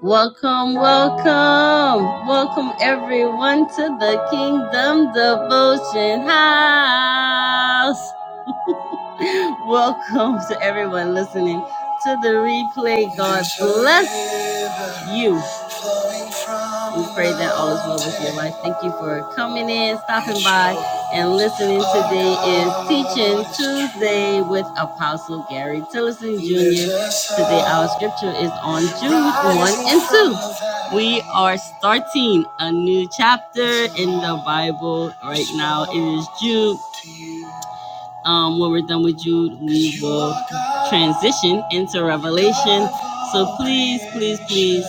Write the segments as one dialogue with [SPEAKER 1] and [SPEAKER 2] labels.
[SPEAKER 1] Welcome, welcome, welcome everyone to the Kingdom Devotion House. Welcome to everyone listening to the replay. God bless you. We pray that all is well with your life. Thank you for coming in, stopping by, and listening. Today is Teaching Tuesday with Apostle Gary Tillison Jr. Today, our scripture is on Jude 1 and 2. We are starting a new chapter in the Bible right now. It is Jude. Um, when we're done with Jude, we will transition into Revelation. So please, please, please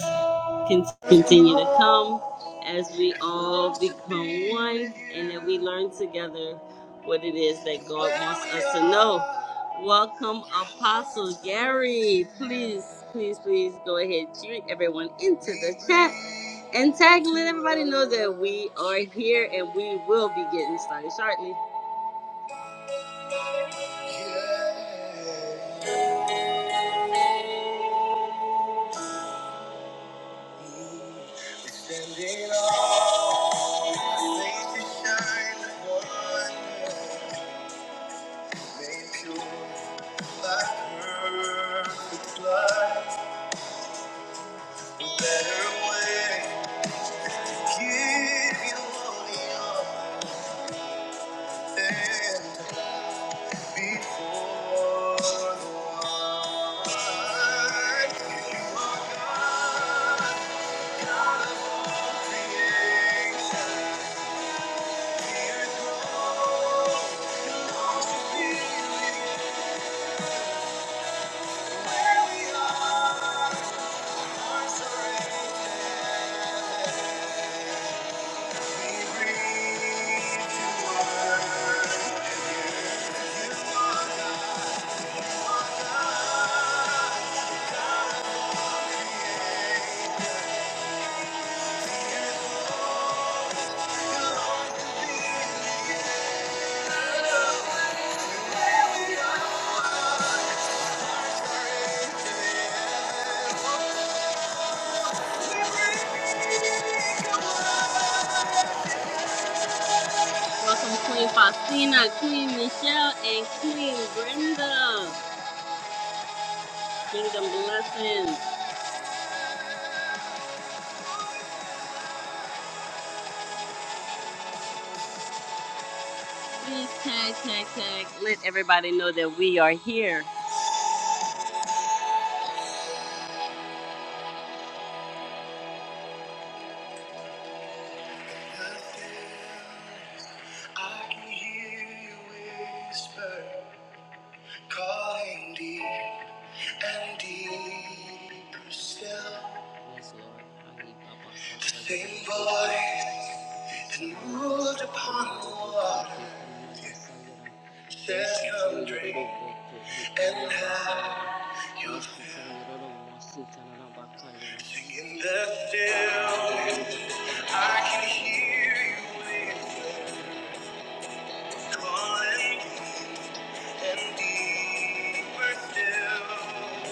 [SPEAKER 1] Con- Continue to come as we all become one and that we learn together what it is that God wants us to know. Welcome, Apostle Gary. Please, please, please go ahead, drink everyone into the chat and tag let everybody know that we are here and we will be getting started shortly. We stand in awe. Your face is shine with wonder. Made pure by perfect A better way. Give you all the honor before the wine. You are God, God of all creation. Here it goes. Welcome Queen Faustina, Queen Michelle, and Queen Brenda. Kingdom blessings. Please tag, tag, tag. Let everybody know that we are here. I can hear you whisper. Calling deep and deeper still. Yes, Lord. The same voice that moved upon the water. Says come drink and have your fill. Sing in the stillness. I can hear you whisper, calling and deeper still.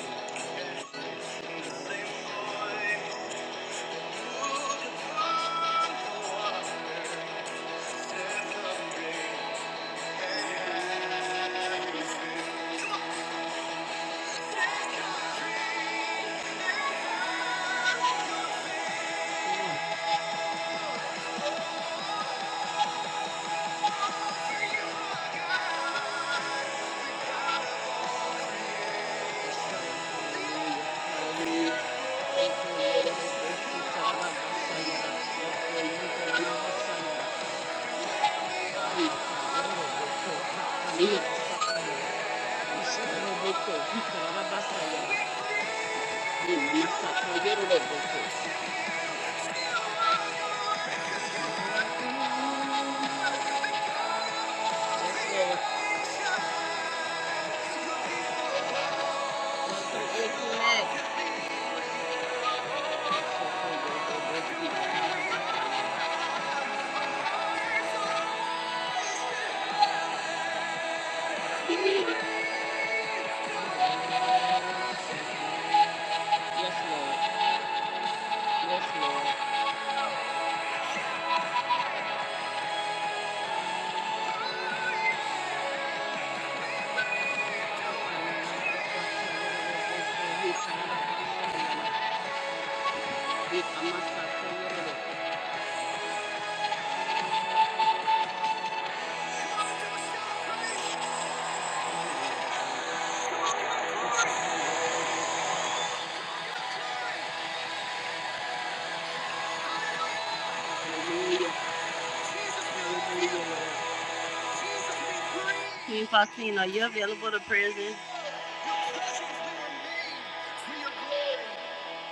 [SPEAKER 1] Queen Faustina, are you available to prison?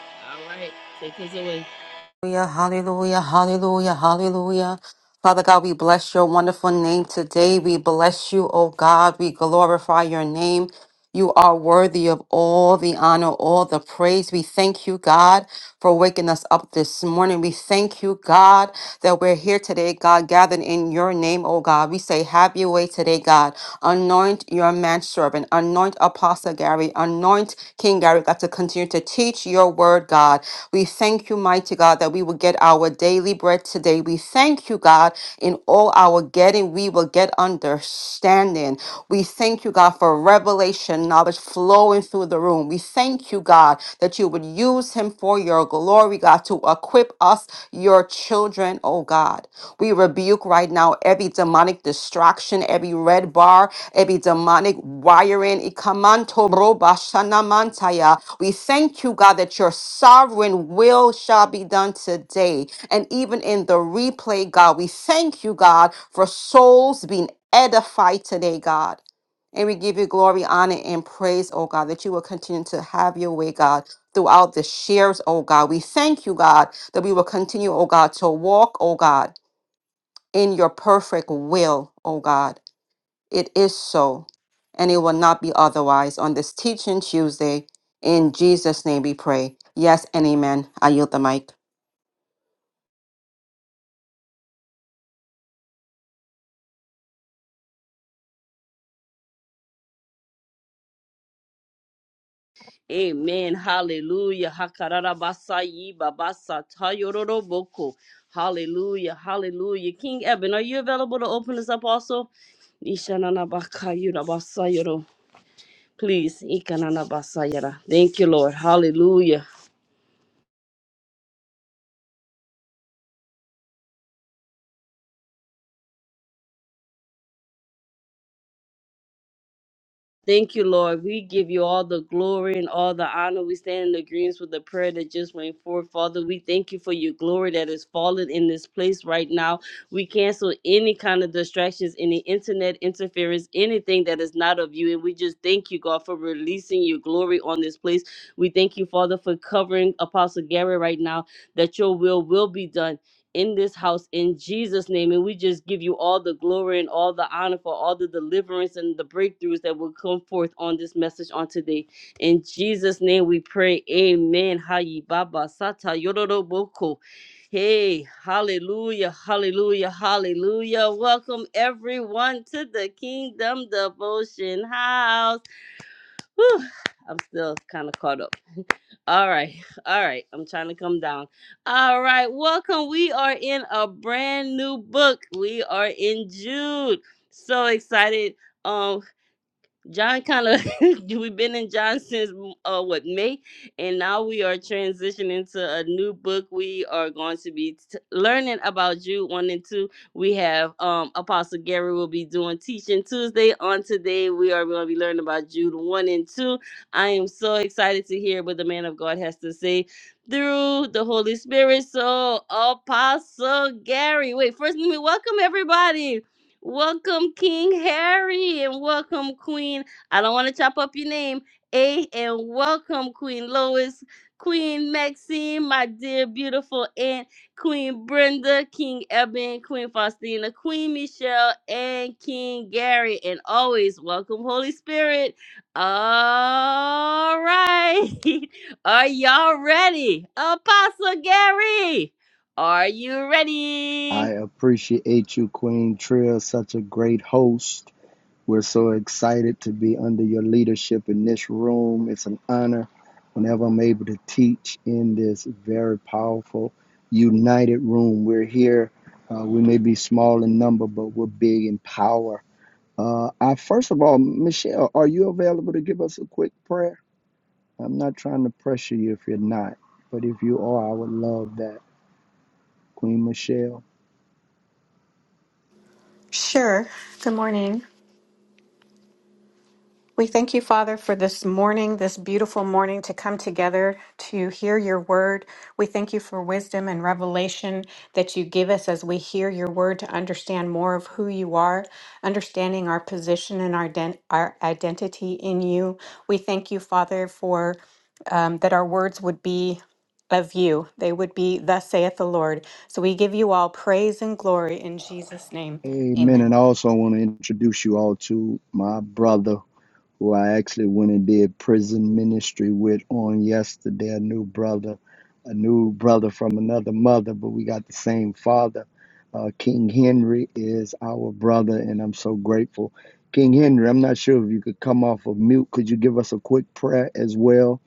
[SPEAKER 1] All right, take us away.
[SPEAKER 2] Hallelujah, hallelujah, hallelujah. Father God, we bless your wonderful name today. We bless you, oh God. We glorify your name. You are worthy of all the honor, all the praise. We thank you, God, for waking us up this morning. We thank you, God, that we're here today, God, gathered in your name, oh God. We say, have your way today, God. Anoint your manservant, anoint Apostle Gary, anoint King Gary, God, to continue to teach your word, God. We thank you, mighty God, that we will get our daily bread today today. We thank you, God, in all our getting, we will get understanding. We thank you, God, for revelation knowledge flowing through the room. We thank you, God, that you would use him for your glory, God, to equip us, your children, oh God. We rebuke right now every demonic distraction, every red bar, every demonic wiring. Ikamanto roba shanamantaya. We thank you, God, that your sovereign will shall be done today. And even in the replay, God, we thank you, God, for souls being edified today, God. And we give you glory, honor, and praise, oh God, that you will continue to have your way, God, throughout the shares, oh God. We thank you, God, that we will continue, oh God, to walk, oh God, in your perfect will, oh God. It is so, and it will not be otherwise on this Teaching Tuesday. In Jesus' name we pray. Yes and amen. I yield the mic.
[SPEAKER 1] Amen. Hallelujah. Hakararabasayi babasatayororoboko. Hallelujah. Hallelujah. King Eben, are you available to open us up also? Ishananabakayurabasayoro. Please. ikananabasayara. Thank you, Lord. Hallelujah. Thank you, Lord. We give you all the glory and all the honor. We stand in agreement with the prayer that just went forth. Father, we thank you for your glory that is falling in this place right now. We cancel any kind of distractions, any internet interference, anything that is not of you. And we just thank you, God, for releasing your glory on this place. We thank you, Father, for covering Apostle Gary right now, that your will will be done in this house in Jesus' name. And we just give you all the glory and all the honor for all the deliverance and the breakthroughs that will come forth on this message on today. In Jesus' name we pray. Amen. Hayi Baba Sata Yororo Hey, hallelujah, hallelujah, hallelujah. Welcome everyone to the Kingdom Devotion House. Whew, I'm still kind of caught up. All right. All right. I'm trying to come down. All right. Welcome. We are in a brand new book. We are in Jude. So excited. Um. John kind of we've been in John since mm, uh what May, and now we are transitioning to a new book. We are going to be t- learning about Jude one and two. We have um Apostle Gary will be doing teaching Tuesday. On today, we are going to be learning about Jude one and two. I am so excited to hear what the man of God has to say through the Holy Spirit. So Apostle Gary, wait first let me welcome everybody. Welcome, King Harry, and welcome, Queen. I don't want to chop up your name. A and welcome, Queen Lois, Queen Maxine, my dear beautiful aunt, Queen Brenda, King Eben, Queen Faustina, Queen Michelle, and King Gary. And always welcome, Holy Spirit. All right. Are y'all ready? Apostle Gary, are you
[SPEAKER 3] I
[SPEAKER 1] ready?
[SPEAKER 3] appreciate you, Queen Trill, such a great host. We're so excited to be under your leadership in this room. It's an honor whenever I'm able to teach in this very powerful, united room. We're here. Uh, we may be small in number, but we're big in power. Uh, I first of all, Michelle, are you available to give us a quick prayer? I'm not trying to pressure you if you're not, but if you are, I would love that, Queen Michelle.
[SPEAKER 4] Sure. Good morning. We thank you, Father, for this morning, this beautiful morning to come together to hear your word. We thank you for wisdom and revelation that you give us as we hear your word to understand more of who you are, understanding our position and our, den- our identity in you. We thank you, Father, for um, that our words would be of you. They would be, Thus saith the Lord. So we give you all praise and glory in Jesus' name.
[SPEAKER 3] Amen.
[SPEAKER 4] Amen.
[SPEAKER 3] And I also want to introduce you all to my brother, who I actually went and did prison ministry with on yesterday. A new brother, a new brother from another mother, but we got the same father. Uh, King Henry is our brother, and I'm so grateful. King Henry, I'm not sure if you could come off of mute. Could you give us a quick prayer as well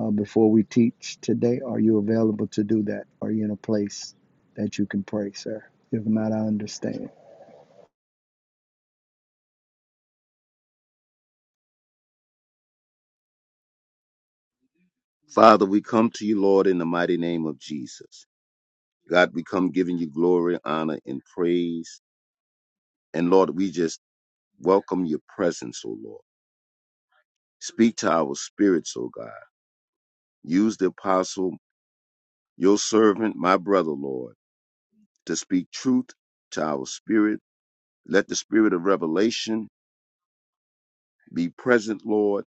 [SPEAKER 3] uh, before we teach today? Are you available to do that? Are you in a place that you can pray, sir? If not, I understand.
[SPEAKER 5] Father, we come to you, Lord, in the mighty name of Jesus. God, we come giving you glory, honor, and praise. And Lord, we just welcome your presence, O Lord. Speak to our spirits, O God. Use the apostle, your servant, my brother, Lord, to speak truth to our spirit. Let the spirit of revelation be present, Lord.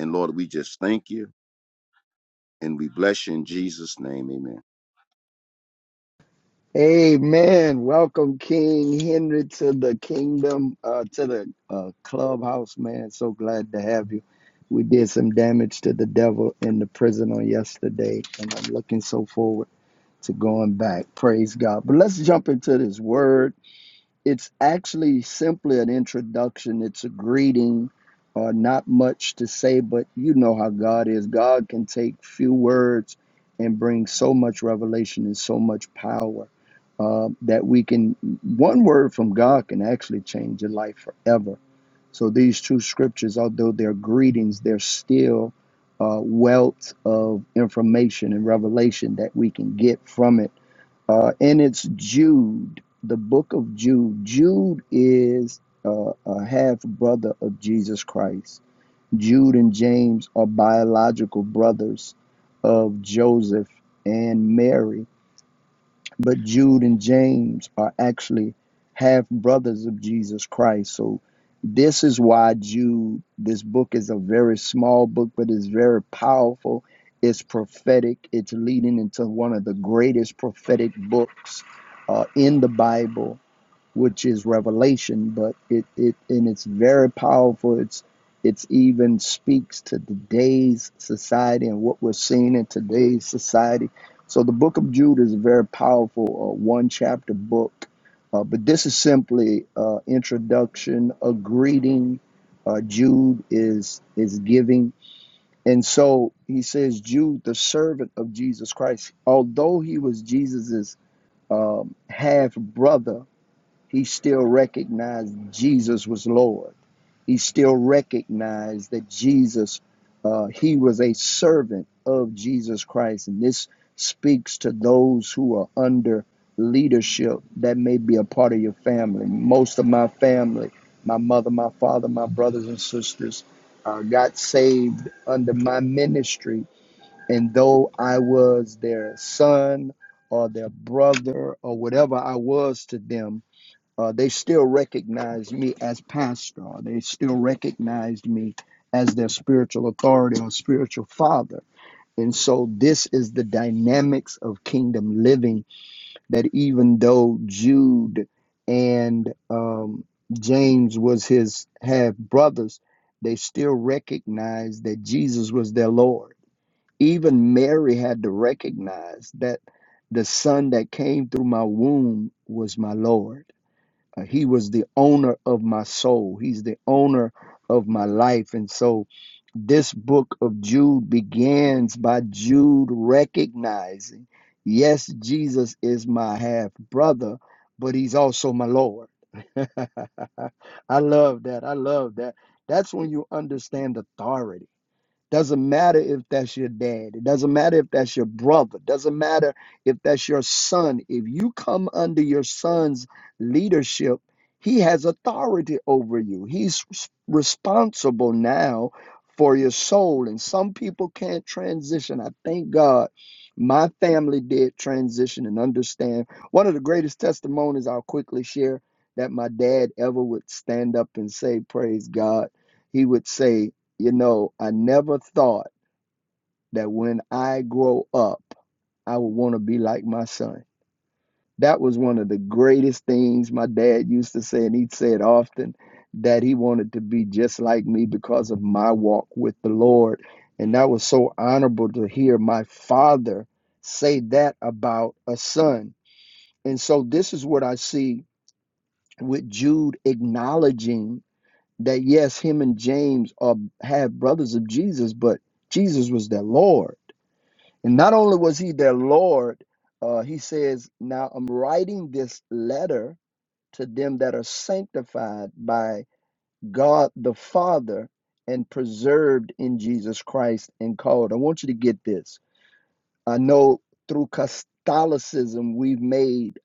[SPEAKER 5] And Lord, we just thank you and we bless you in Jesus' name. Amen.
[SPEAKER 3] Amen. Welcome, King Henry, to the kingdom, uh, to the uh, clubhouse, man. So glad to have you. We did some damage to the devil in the prison on yesterday, and I'm looking so forward to going back. Praise God. But let's jump into this word it's actually simply an introduction. It's a greeting, uh, not much to say, but you know how God is. God can take few words and bring so much revelation and so much power uh, that we can, one word from God can actually change your life forever. So these two scriptures, although they're greetings, they're still uh, wealth of information and revelation that we can get from it uh, and it's Jude, the book of Jude. Jude is uh, a half brother of Jesus Christ. Jude and James are biological brothers of Joseph and Mary but Jude and James are actually half brothers of Jesus Christ. So this is why Jude, this book is a very small book, but it's very powerful. It's prophetic. It's leading into one of the greatest prophetic books uh, in the Bible which is revelation, but it, it and it's very powerful. It's it's even speaks to today's society and what we're seeing in today's society. So the book of Jude is a very powerful uh, one chapter book, uh, but this is simply uh, introduction, a greeting. Uh, Jude is is giving, and so he says, Jude, the servant of Jesus Christ, although he was Jesus's um, half brother, he still recognized Jesus was Lord. He still recognized that Jesus, uh, he was a servant of Jesus Christ. And this speaks to those who are under leadership that may be a part of your family. Most of my family, my mother, my father, my brothers and sisters, uh, got saved under my ministry. And though I was their son or their brother or whatever I was to them, uh, they still recognized me as pastor. They still recognized me as their spiritual authority or spiritual father. And so this is the dynamics of kingdom living that even though Jude and um, James was his half brothers, they still recognized that Jesus was their Lord. Even Mary had to recognize that the son that came through my womb was my Lord uh, he was the owner of my soul. He's the owner of my life. And so this book of Jude begins by Jude recognizing, yes, Jesus is my half brother, but he's also my Lord. I love that. I love that. That's when you understand authority doesn't matter if that's your dad. It doesn't matter if that's your brother. Doesn't matter if that's your son. If you come under your son's leadership, he has authority over you. He's res- responsible now for your soul. And some people can't transition. I thank God my family did transition and understand. One of the greatest testimonies I'll quickly share that my dad ever would stand up and say, Praise God. He would say, you know, I never thought that when I grow up, I would want to be like my son. That was one of the greatest things my dad used to say, and he'd say it often that he wanted to be just like me because of my walk with the Lord. And that was so honorable to hear my father say that about a son. And so, this is what I see with Jude acknowledging that, yes, him and James are, have brothers of Jesus, but Jesus was their Lord And not only was he their Lord, uh, he says, Now I'm writing this letter to them that are sanctified by God the Father and preserved in Jesus Christ and called. I want you to get this. I know through Catholicism, we've made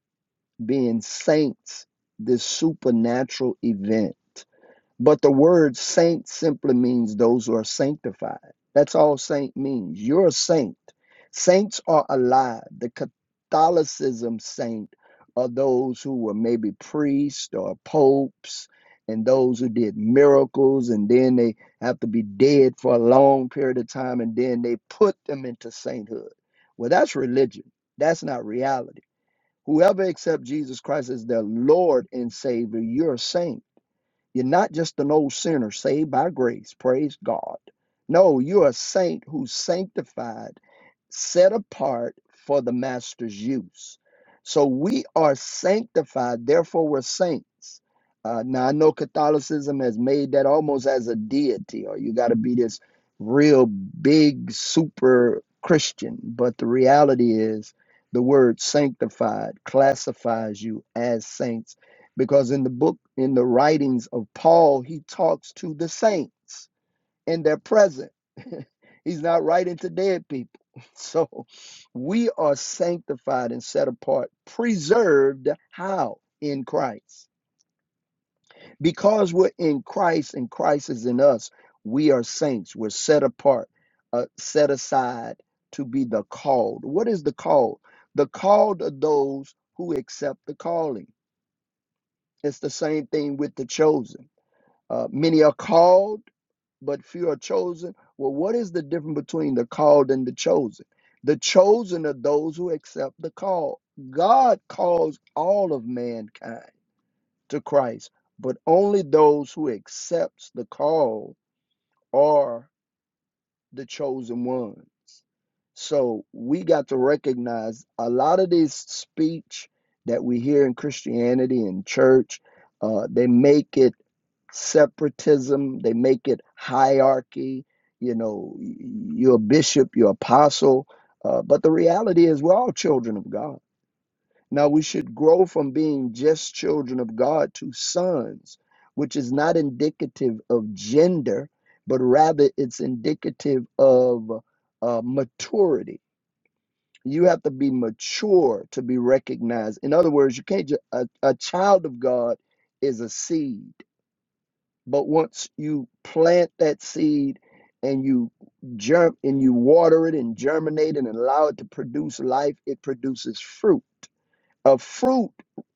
[SPEAKER 3] being saints this supernatural event. But the word saint simply means those who are sanctified. That's all saint means. You're a saint. Saints are alive. The Catholicism saint are those who were maybe priests or popes and those who did miracles and then they have to be dead for a long period of time and then they put them into sainthood. Well, that's religion. That's not reality. Whoever accepts Jesus Christ as their Lord and Savior, you're a saint. You're not just an old sinner saved by grace, praise God. No, you're a saint who's sanctified set apart for the master's use. So we are sanctified, therefore we're saints. Uh, now I know Catholicism has made that almost as a deity, or you got to be this real big super Christian. But the reality is, the word sanctified classifies you as saints because in the book, in the writings of Paul, he talks to the saints in their present. He's not writing to dead people. So we are sanctified and set apart, preserved how? In Christ. Because we're in Christ and Christ is in us, we are saints. We're set apart, uh, set aside to be the called. What is the called? The called are those who accept the calling. It's the same thing with the chosen. Uh, many are called but few are chosen. Well, what is the difference between the called and the chosen? The chosen are those who accept the call. God calls all of mankind to Christ, but only those who accepts the call are the chosen ones. So we got to recognize a lot of this speech that we hear in Christianity and church, uh, they make it separatism. They make it hierarchy. You know, you're a bishop, you're apostle. Uh, but the reality is, we're all children of God. Now, we should grow from being just children of God to sons, which is not indicative of gender, but rather it's indicative of uh, maturity. You have to be mature to be recognized. In other words, you can't just, a, a child of God is a seed but once you plant that seed and you germ and you water it and germinate it and allow it to produce life, it produces fruit. A fruit,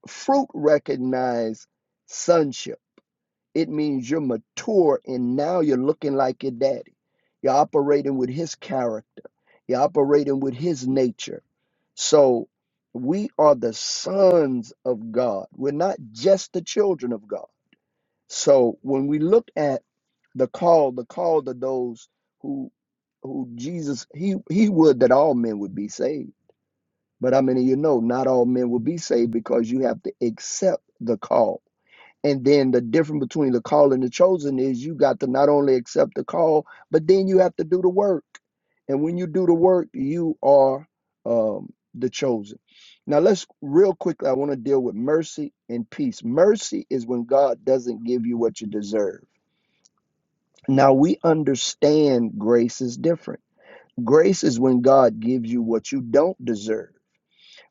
[SPEAKER 3] fruit recognize sonship. It means you're mature and now you're looking like your daddy. You're operating with his character. You're operating with his nature. So we are the sons of God. We're not just the children of God. So when we look at the call, the call to those who who Jesus he he would that all men would be saved. But I mean, you know, not all men will be saved because you have to accept the call. And then the difference between the call and the chosen is you got to not only accept the call, but then you have to do the work. And when you do the work, you are um, the chosen. Now, let's real quickly, I want to deal with mercy and peace. Mercy is when God doesn't give you what you deserve now we understand grace is different. Grace is when God gives you what you don't deserve.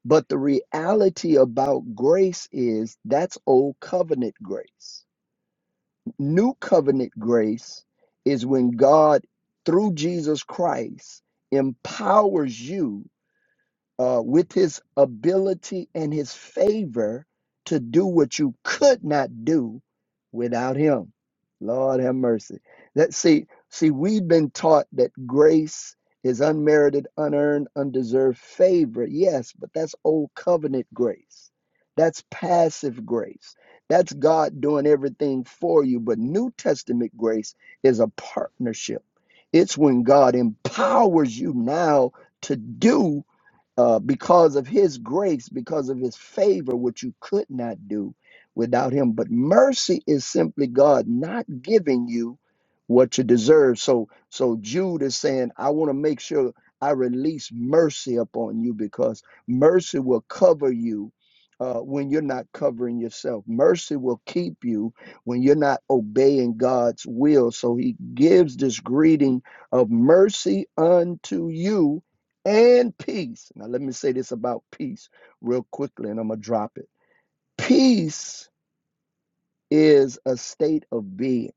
[SPEAKER 3] But the reality about grace is that's old covenant grace. New covenant grace is when God, through Jesus Christ, empowers you uh, with his ability and his favor to do what you could not do without him. Lord have mercy. That see, see, we've been taught that grace is unmerited, unearned, undeserved favor. Yes, but that's old covenant grace. That's passive grace. That's God doing everything for you. But New Testament grace is a partnership. It's when God empowers you now to do uh, because of his grace, because of his favor, which you could not do without him. But mercy is simply God not giving you what you deserve. So, so Jude is saying, I want to make sure I release mercy upon you because mercy will cover you. Uh, when you're not covering yourself, mercy will keep you when you're not obeying God's will. So he gives this greeting of mercy unto you and peace. Now, let me say this about peace real quickly, and I'm going to drop it. Peace is a state of being,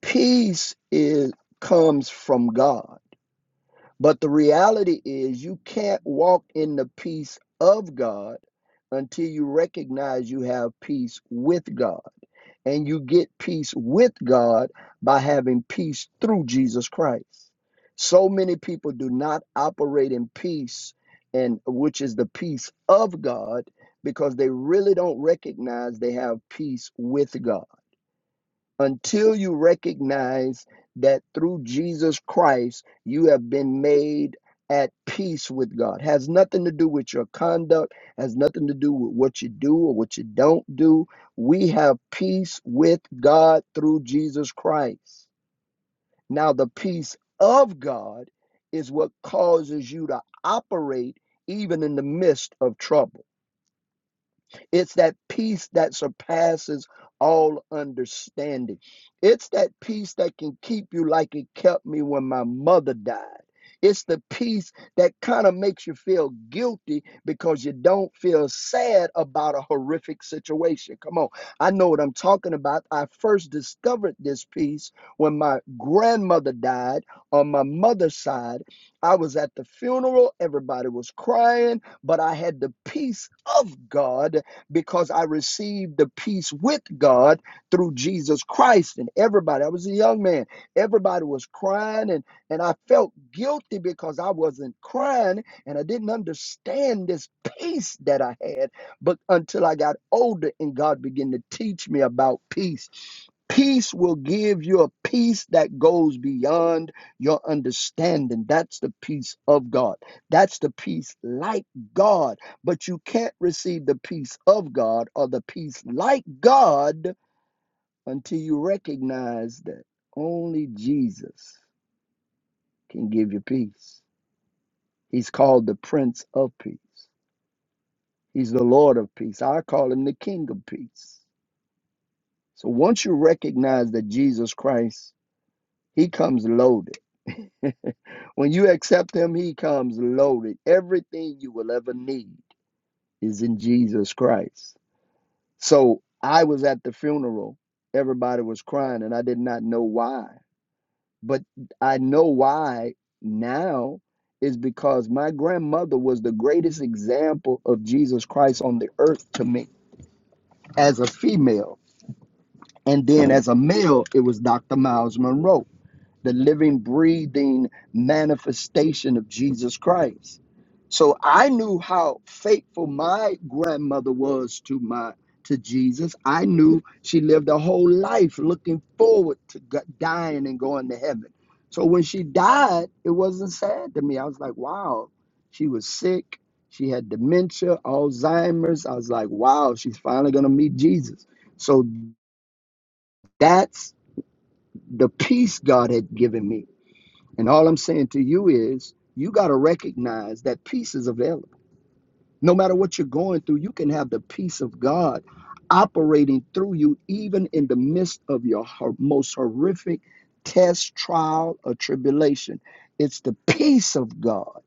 [SPEAKER 3] peace is, comes from God. But the reality is, you can't walk in the peace of God until you recognize you have peace with God. And you get peace with God by having peace through Jesus Christ. So many people do not operate in peace and which is the peace of God because they really don't recognize they have peace with God until you recognize that through Jesus Christ you have been made at peace with God. Has nothing to do with your conduct, has nothing to do with what you do or what you don't do. We have peace with God through Jesus Christ. Now the peace of God is what causes you to operate even in the midst of trouble. It's that peace that surpasses all understanding. It's that peace that can keep you like it kept me when my mother died. It's the peace that kind of makes you feel guilty because you don't feel sad about a horrific situation. Come on. I know what I'm talking about. I first discovered this peace when my grandmother died on my mother's side. I was at the funeral, everybody was crying, but I had the peace of God because I received the peace with God through Jesus Christ. And everybody, I was a young man, everybody was crying, and, and I felt guilty because I wasn't crying and I didn't understand this peace that I had. But until I got older and God began to teach me about peace. Peace will give you a peace that goes beyond your understanding. That's the peace of God. That's the peace like God. But you can't receive the peace of God or the peace like God until you recognize that only Jesus can give you peace. He's called the Prince of Peace, He's the Lord of Peace. I call Him the King of Peace. So once you recognize that Jesus Christ, He comes loaded. When you accept Him, He comes loaded. Everything you will ever need is in Jesus Christ. So I was at the funeral. Everybody was crying, and I did not know why. But I know why now is because my grandmother was the greatest example of Jesus Christ on the earth to me as a female. And then as a male, it was Dr. Miles Monroe the living, breathing manifestation of Jesus Christ. So I knew how faithful my grandmother was to my to Jesus. I knew she lived a whole life looking forward to go- dying and going to heaven. So when she died, it wasn't sad to me. I was like, wow, she was sick. She had dementia, Alzheimer's. I was like, wow, she's finally going to meet Jesus. So that's the peace God had given me and all I'm saying to you is you got to recognize that peace is available. No matter what you're going through, you can have the peace of God operating through you, even in the midst of your hor- most horrific test, trial, or tribulation. It's the peace of God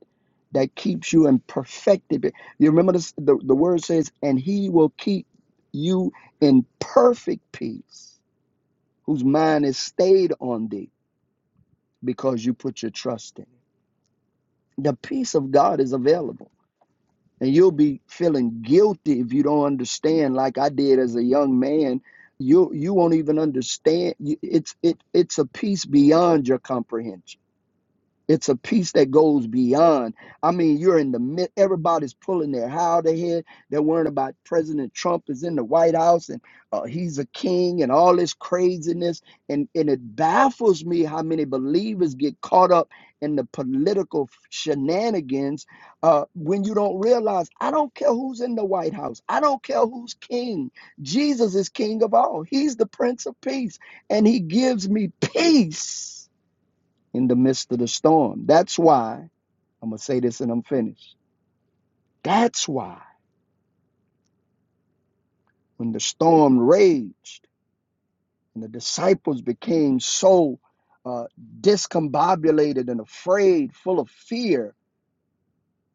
[SPEAKER 3] that keeps you in perfected. You remember this, the, the word says, and he will keep you in perfect peace, whose mind is stayed on thee because you put your trust in. Him." the peace of God is available. And you'll be feeling guilty if you don't understand, like I did as a young man. You you won't even understand. It's it it's a peace beyond your comprehension. It's a peace that goes beyond. I mean, you're in the mid. Everybody's pulling their hair out of ahead. They're worrying about President Trump is in the White House and uh, he's a king and all this craziness. And and it baffles me how many believers get caught up in the political shenanigans uh, when you don't realize. I don't care who's in the White House. I don't care who's king. Jesus is king of all. He's the Prince of Peace, and He gives me peace in the midst of the storm. That's why, I'm going to say this and I'm finished. That's why when the storm raged and the disciples became so uh, discombobulated and afraid, full of fear,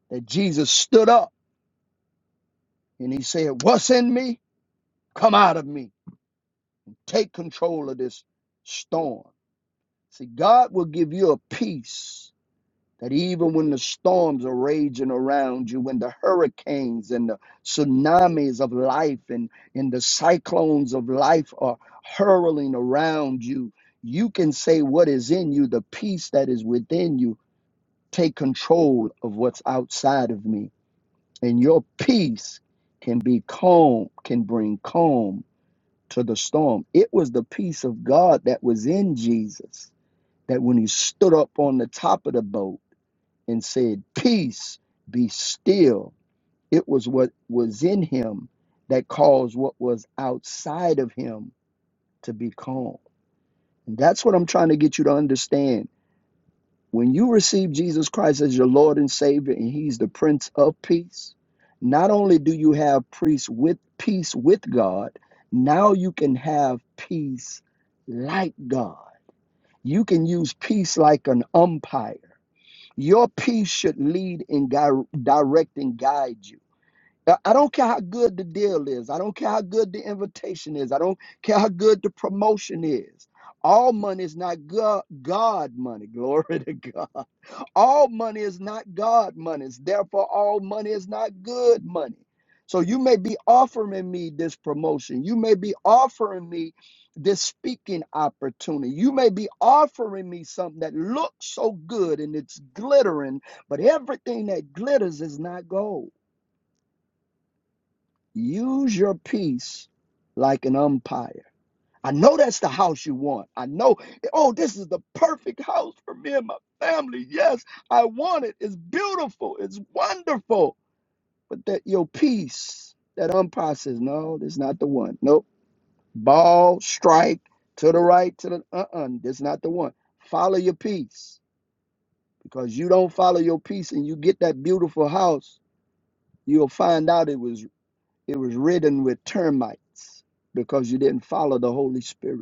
[SPEAKER 3] that Jesus stood up and he said, What's in me? Come out of me. Take control of this storm. See, God will give you a peace that even when the storms are raging around you, when the hurricanes and the tsunamis of life and, and the cyclones of life are hurling around you, you can say what is in you, the peace that is within you, take control of what's outside of me. And your peace can be calm, can bring calm to the storm. It was the peace of God that was in Jesus that when he stood up on the top of the boat, and said, Peace, be still. It was what was in him that caused what was outside of him to be calm. And that's what I'm trying to get you to understand. When you receive Jesus Christ as your Lord and Savior, and He's the Prince of Peace, not only do you have peace with peace with God, now you can have peace like God. You can use peace like an umpire Your peace should lead and gui- direct and guide you. I I don't care how good the deal is. I don't care how good the invitation is. I don't care how good the promotion is. All money is not go- God money. Glory to God. All money is not God money. Therefore, all money is not good money. So you may be offering me this promotion. You may be offering me this speaking opportunity. You may be offering me something that looks so good and it's glittering, but everything that glitters is not gold. Use your peace like an umpire. I know that's the house you want. I know, oh, this is the perfect house for me and my family. Yes, I want it. It's beautiful. It's wonderful. But that your peace, that umpire says, no, this is not the one. Nope. Ball, strike, to the right, to the uh-uh. This is not the one. Follow your peace. Because you don't follow your peace and you get that beautiful house, you'll find out it was it was ridden with termites because you didn't follow the Holy Spirit.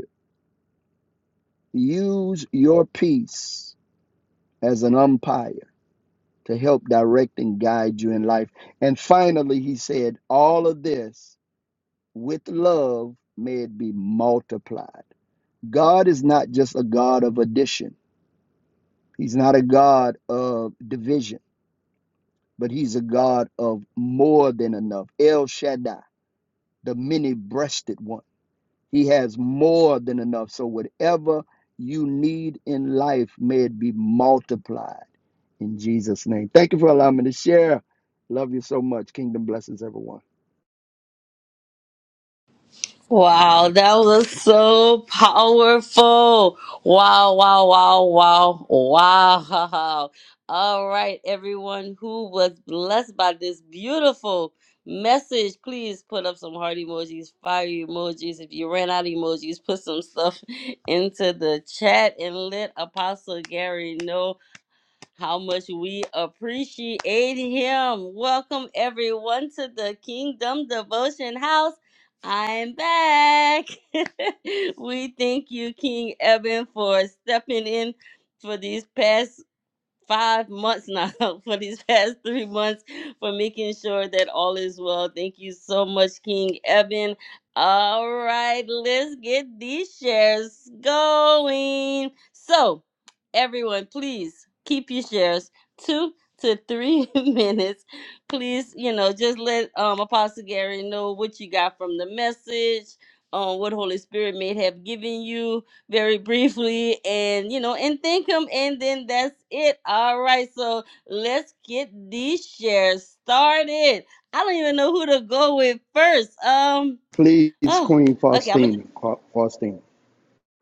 [SPEAKER 3] Use your peace as an umpire to help direct and guide you in life. And finally, he said, All of this with love may it be multiplied. God is not just a God of addition, He's not a God of division, but He's a God of more than enough. El Shaddai, the many breasted one. He has more than enough. So, whatever you need in life, may it be multiplied in Jesus' name. Thank you for allowing me to share. Love you so much. Kingdom blessings, everyone.
[SPEAKER 1] Wow, that was so powerful. Wow, wow, wow, wow, wow. All right, everyone who was blessed by this beautiful message, please put up some heart emojis, fire emojis. If you ran out of emojis, put some stuff into the chat and let Apostle Gary know how much we appreciate him. Welcome everyone to the Kingdom Devotion House. I'm back. we thank you, King Eben, for stepping in for these past five months now for these past three months for making sure that all is well. Thank you so much, King Evan. All right, let's get these shares going. So, everyone, please keep your shares two to three minutes. Please, you know, just let um, Apostle Gary know what you got from the message, um, what Holy Spirit may have given you very briefly and you know and thank him and then that's it all right so let's get these shares started i don't even know who to go with first um oh okay i'm gonna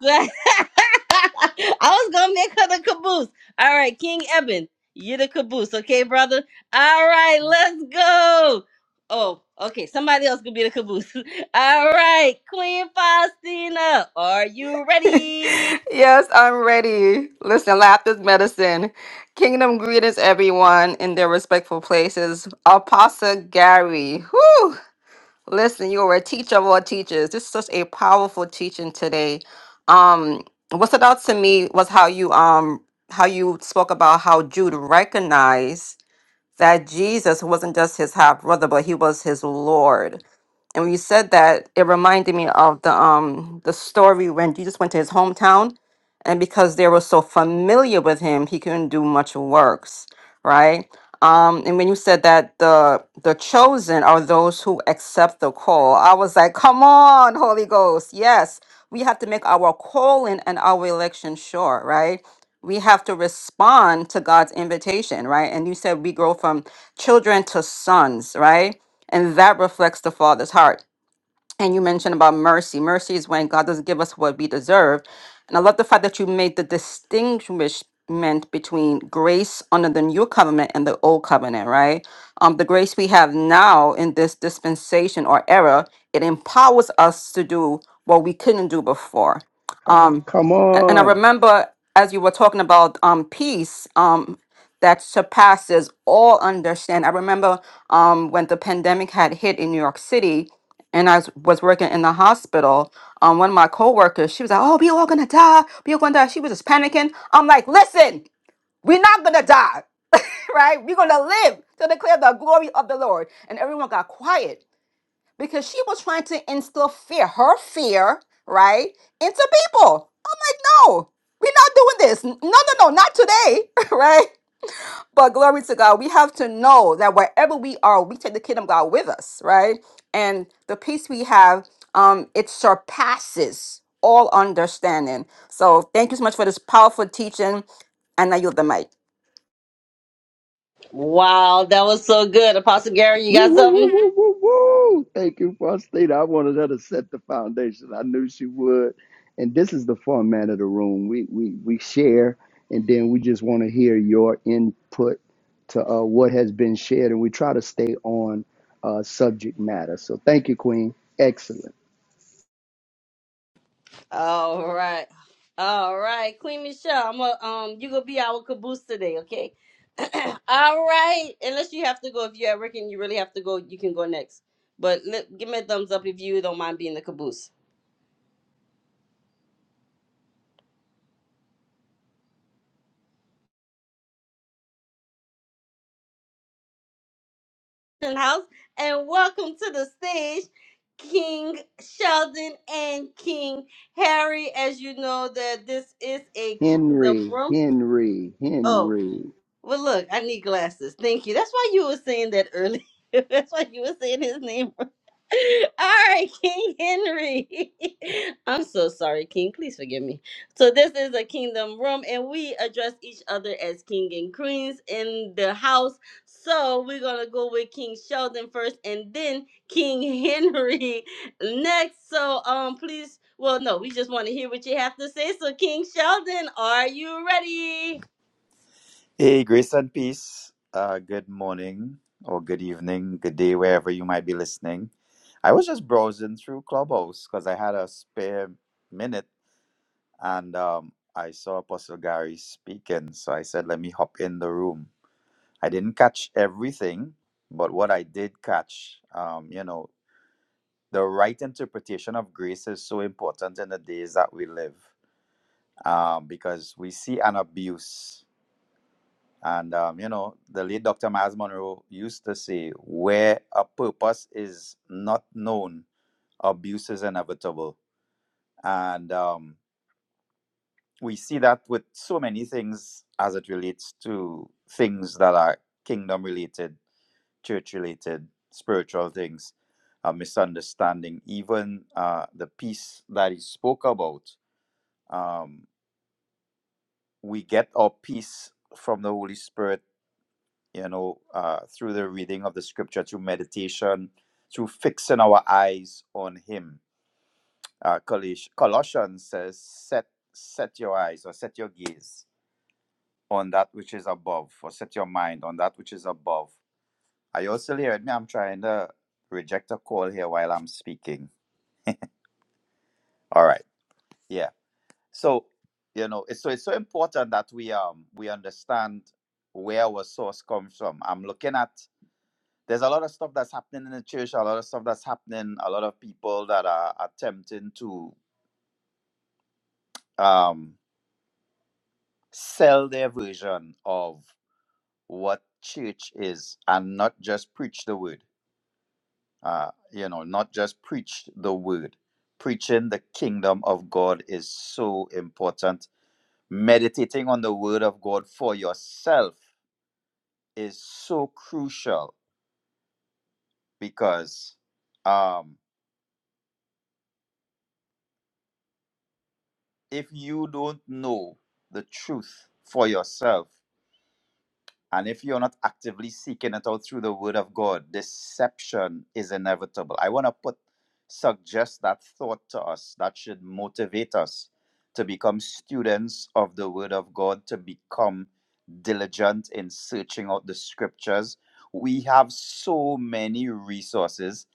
[SPEAKER 1] just i was gonna make her the caboose all right king eben you're the caboose okay brother all right let's go oh okay somebody else could be the caboose all right queen faustina are you ready
[SPEAKER 2] Yes, I'm ready. Listen, laughter's medicine. Kingdom greetings, everyone, in their respectful places. Apostle Gary, whoo! Listen, you are a teacher of all teachers. This is such a powerful teaching today. Um, what stood out to me was how you um how you spoke about how Jude recognized that Jesus wasn't just his half brother, but he was his Lord and when you said that, it reminded me of the um the story when Jesus went to his hometown, and because they were so familiar with him, he couldn't do much works, right? Um, and when you said that the the chosen are those who accept the call, I was like, come on, Holy Ghost, yes, we have to make our calling and our election sure, right? we have to respond to God's invitation, right? And you said we grow from children to sons, right? And that reflects the Father's heart. And you mentioned about mercy. Mercy is when God doesn't give us what we deserve. And I love the fact that you made the distinguishment between grace under the new covenant and the old covenant, right? Um, the grace we have now in this dispensation or era, it empowers us to do what we couldn't do before. Come on. Um,
[SPEAKER 3] Come
[SPEAKER 2] a- and I
[SPEAKER 3] on.
[SPEAKER 2] remember as you were talking about um, peace, um, that surpasses all understand. I remember um, when the pandemic had hit in New York City and I was was working in the hospital, um, one of my coworkers, she was like, "Oh, we all gonna die. We all gonna die." She was just panicking. I'm like, "Listen, we're not gonna die, right? We're gonna live to declare the glory of the Lord." And everyone got quiet because she was trying to instill fear, her fear, right, into people. I'm like, "No, we're not doing this. No, no, no, not today, right? But glory to God, we have to know that wherever we are, we take the kingdom of God with us, right? And the peace we have, um, it surpasses all understanding. So thank you so much for this powerful teaching. And I yield the mic.
[SPEAKER 1] Wow, that was so good. Apostle Gary, you
[SPEAKER 3] Woo,
[SPEAKER 1] got
[SPEAKER 3] woo, woo,
[SPEAKER 1] something?
[SPEAKER 3] woo, woo, woo. Thank you, Faustina. I wanted her to set the foundation. I knew she would. And this is the fun of the room. We we we share and then we just want to hear your input to uh, what has been shared and we try to stay on uh, subject matter. So thank you, Queen. Excellent.
[SPEAKER 1] All right. All right. Queen Michelle, I'm a, um you gonna be our caboose today, okay? All right. Unless you have to go. If you're at work and you really have to go, you can go next. But let, give me a thumbs up if you don't mind being the caboose. In House and welcome to the stage, King Sheldon and King Harry. As you know that this is a kingdom
[SPEAKER 3] Henry,
[SPEAKER 1] room.
[SPEAKER 3] Henry,
[SPEAKER 1] Oh.
[SPEAKER 3] Henry.
[SPEAKER 1] Well, look, I need glasses. Thank you. That's why you were saying that earlier. That's why you were saying his name. All right, King Henry. I'm so sorry, King. Please forgive me. So, this is a kingdom room, and we address each other as king and queens in the house. So, we're going to go with King Sheldon first and then King Henry next. So, um, please, well, no, we just want to hear what you have to say. So, King Sheldon, are you ready?
[SPEAKER 6] Hey, grace and peace. Uh, good morning or good evening, good day, wherever you might be listening. I was just browsing through Clubhouse because I had a spare minute and um, I saw Apostle Gary speaking. So I said, let me hop in the room. I didn't catch everything, but what I did catch, um, you know, the right interpretation of grace is so important in the days that we live um, because we see an abuse And, um, you know, the late Dr. Miles Monroe used to say, where a purpose is not known, abuse is inevitable. And um, we see that with so many things as it relates to things that are kingdom related, church related, spiritual things, a misunderstanding, even uh, the peace that he spoke about. Um, we get our peace from the Holy Spirit you know, uh, through the reading of the scripture, through meditation, through fixing our eyes on Him. Uh, Coloss- Colossians says, set, set your eyes or set your gaze on that which is above, or set your mind on that which is above. Are you all still hearing me? I'm trying to reject a call here while I'm speaking. All right. Yeah. So, you know, it's so it's so important that we um we understand where our source comes from. I'm looking at there's a lot of stuff that's happening in the church, a lot of stuff that's happening, a lot of people that are attempting to um, sell their version of what church is and not just preach the word. Uh, you know, not just preach the word. Preaching the kingdom of God is so important. Meditating on the word of God for yourself is so crucial because um, if you don't know the truth for yourself, and if you're not actively seeking it out through the word of God, deception is inevitable. I want to put suggest that thought to us that should motivate us to become students of the word of God, to become diligent in searching out the scriptures. We have so many resources.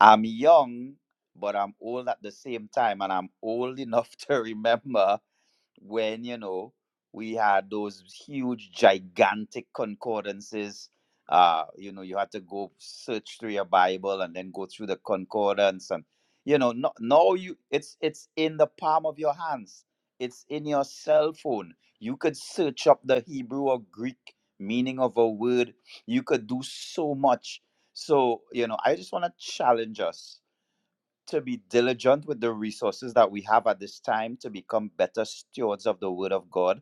[SPEAKER 6] I'm young, but I'm old at the same time, and I'm old enough to remember when you know we had those huge gigantic concordances uh you know you had to go search through your bible and then go through the concordance and you know no, now you it's it's in the palm of your hands it's in your cell phone you could search up the hebrew or greek meaning of a word you could do so much so you know i just want to challenge us to be diligent with the resources that we have at this time to become better stewards of the word of God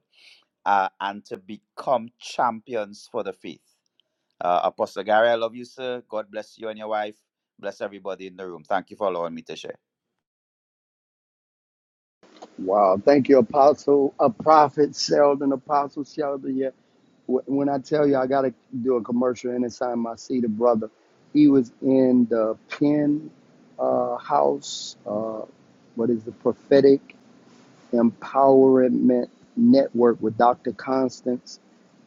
[SPEAKER 6] uh, and to become champions for the faith. Uh, Apostle Gary, I love you, sir. God bless you and your wife. Bless everybody in the room. Thank you for allowing me to share.
[SPEAKER 3] Wow. Thank you, Apostle, a prophet Sheldon, Apostle Sheldon. Yeah. Wh- When I tell you I got to do a commercial and inside my seat, a brother, he was in the pen uh, house. Uh, what is the prophetic? Empowerment Network with Dr. Constance.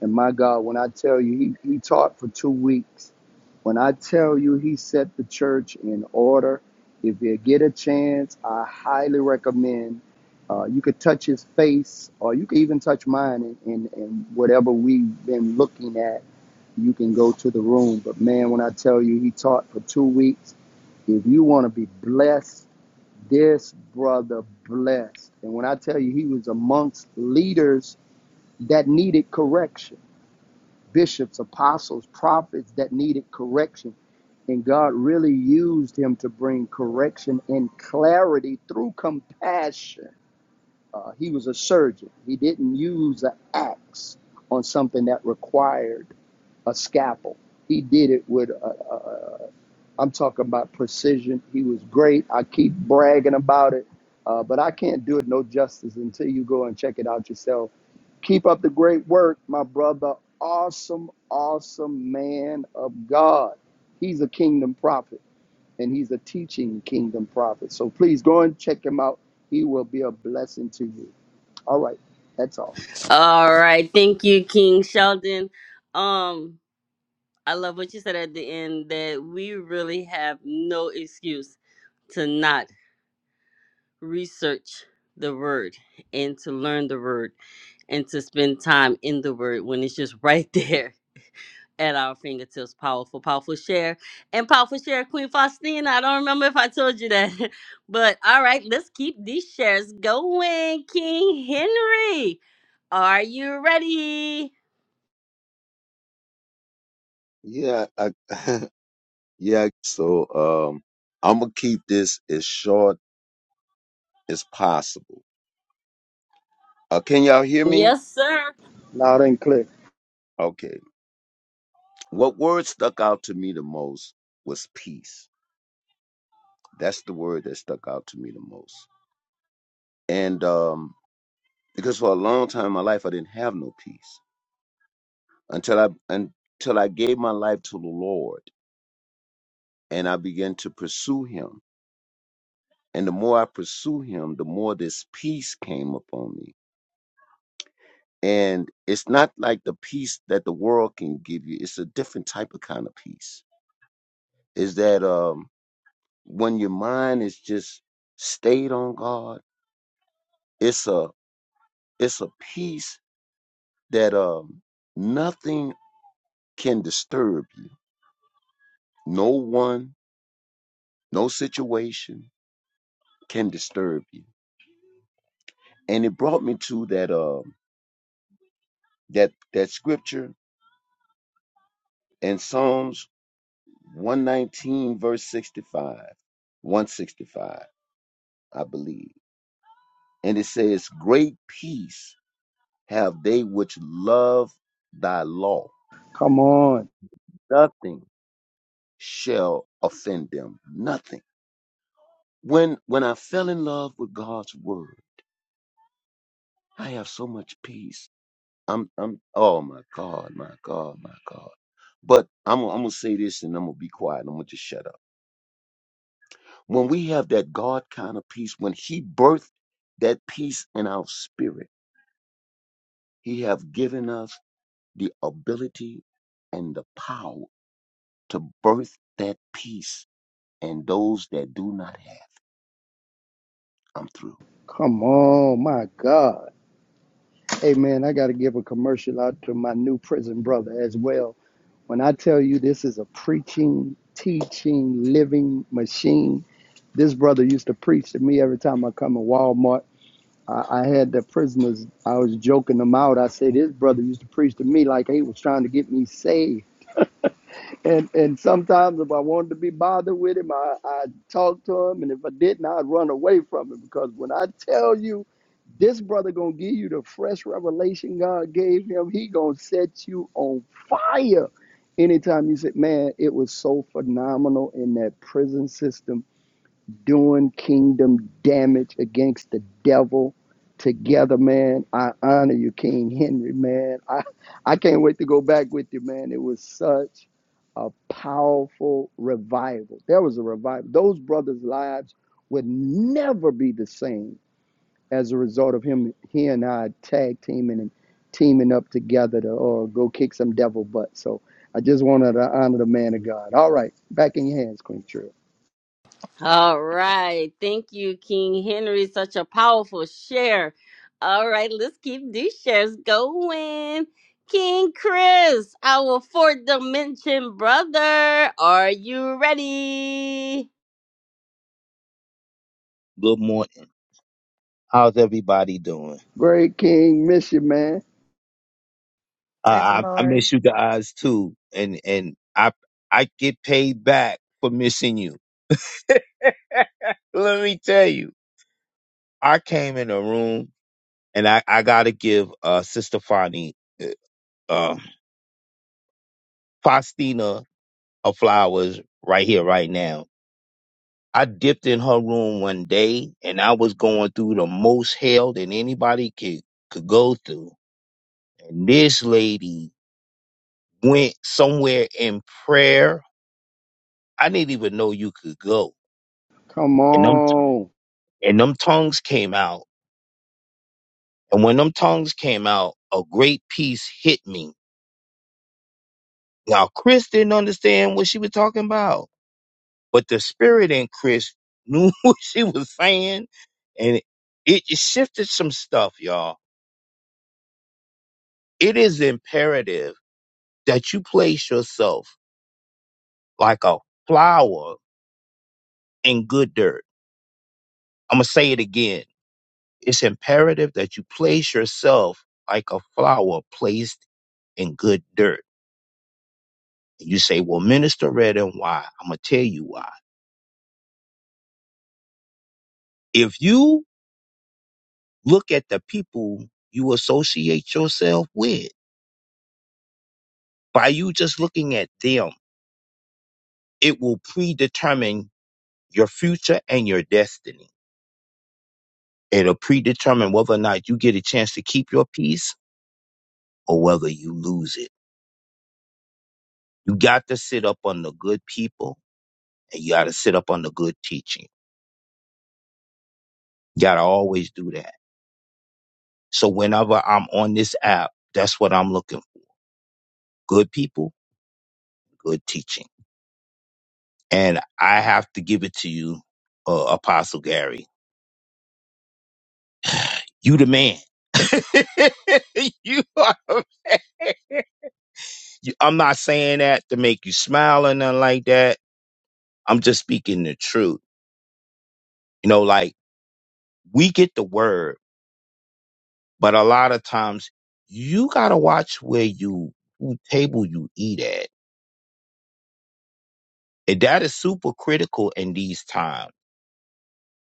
[SPEAKER 3] And my God, when I tell you, he, he taught for two weeks. When I tell you, he set the church in order. If you get a chance, I highly recommend. Uh, you could touch his face, or you could even touch mine, and, and, and whatever we've been looking at, you can go to the room. But man, when I tell you, he taught for two weeks. If you want to be blessed, this brother blessed. And when I tell you, he was amongst leaders that needed correction, bishops, apostles, prophets that needed correction. And God really used him to bring correction and clarity through compassion. Uh, he was a surgeon, he didn't use an axe on something that required a scalpel. He did it with a, a, I'm talking about precision. He was great. I keep bragging about it, uh, but I can't do it no justice until you go and check it out yourself. Keep up the great work, my brother. Awesome, awesome man of God. He's a kingdom prophet and he's a teaching kingdom prophet. So please go and check him out. He will be a blessing to you. All right, that's all.
[SPEAKER 1] All right. Thank you, King Sheldon. Um, I love what you said at the end that we really have no excuse to not research the word and to learn the word and to spend time in the word when it's just right there at our fingertips. Powerful, powerful share. And powerful share, Queen Faustina. I don't remember if I told you that. But all right, let's keep these shares going. King Henry, are you ready?
[SPEAKER 5] Yeah, I, yeah. So um, I'm gonna keep this as short is possible. Uh, can y'all hear me?
[SPEAKER 1] Yes, sir.
[SPEAKER 3] Loud and clear.
[SPEAKER 5] Okay. What word stuck out to me the most was peace. That's the word that stuck out to me the most. And um, because for a long time in my life, I didn't have no peace until I until I gave my life to the Lord and I began to pursue Him. And the more I pursue Him, the more this peace came upon me. And it's not like the peace that the world can give you. It's a different type of kind of peace. Is that um when your mind is just stayed on God, it's a it's a peace that um nothing can disturb you. No one, no situation can disturb you. And it brought me to that um that that scripture in Psalms 119 verse 65, 165, I believe. And it says, Great peace have they which love thy law.
[SPEAKER 3] Come on.
[SPEAKER 5] Nothing shall offend them. Nothing. When when I fell in love with God's word, I have so much peace. I'm I'm oh my God, my God, my God. But I'm I'm gonna say this and I'm gonna be quiet. and I'm gonna just shut up. When we have that God kind of peace, when He birthed that peace in our spirit, He have given us the ability and the power to birth that peace and those that do not have. I'm through.
[SPEAKER 3] Come on, my God. Hey man, I got to give a commercial out to my new prison brother as well. When I tell you this is a preaching, teaching, living machine, this brother used to preach to me every time I come to Walmart. I, I had the prisoners, I was joking them out. I said, This brother used to preach to me like he was trying to get me saved and and sometimes if I wanted to be bothered with him, I I talk to him, and if I didn't, I'd run away from him because when I tell you, this brother gonna give you the fresh revelation God gave him. He gonna set you on fire. Anytime you say, "Man, it was so phenomenal in that prison system," doing kingdom damage against the devil together, man. I honor you, King Henry, man. I, I can't wait to go back with you, man. It was such a powerful revival. There was a revival. Those brothers' lives would never be the same as a result of him, he and I tag teaming and teaming up together to uh, go kick some devil butt. So I just wanted to honor the man of God. All right, back in your hands, Queen Trill.
[SPEAKER 1] All right. Thank you, King Henry. Such a powerful share. All right, let's keep these shares going. King Chris, our fourth dimension brother, are you ready?
[SPEAKER 7] Good morning. How's everybody doing?
[SPEAKER 3] Great King, miss you, man.
[SPEAKER 7] Uh, I, I
[SPEAKER 2] Sorry.
[SPEAKER 7] miss you guys too, and and I I get paid back for missing you. Let me tell you, I came in a room, and I I gotta give uh Sister Fani, uh, uh, Faustina, her flowers right here, right now. I dipped in her room one day, and I was going through the most hell that anybody could could go through, and this lady went somewhere in prayer I didn't even know you could go.
[SPEAKER 3] Come
[SPEAKER 7] And them
[SPEAKER 3] on.
[SPEAKER 7] and them tongues came out. And when them tongues came out, a great peace hit me. Now Chris didn't understand what she was talking about, but the spirit in Chris knew what she was saying, and it it shifted some stuff, y'all. It is imperative that you place yourself like a flower in good dirt. I'm gonna say it again. It's imperative that you place yourself like a flower placed and good dirt. And you say, well, Minister Red and why? I'm going to tell you why. If you look at the people you associate yourself with, by you just looking at them, it will predetermine your future and your destiny. It'll predetermine whether or not you get a chance to keep your peace or whether you lose it. You got to sit up on the good people and you got to sit up on the good teaching. You got to always do that. So whenever I'm on this app, that's what I'm looking for. Good people good teaching. And I have to give it to you, uh, Apostle Gary. You the man. you are. You, I'm not saying that to make you smile or nothing like that. I'm just speaking the truth. You know, like we get the word, but a lot of times you gotta watch where you, who table you eat at. And that is super critical in these times.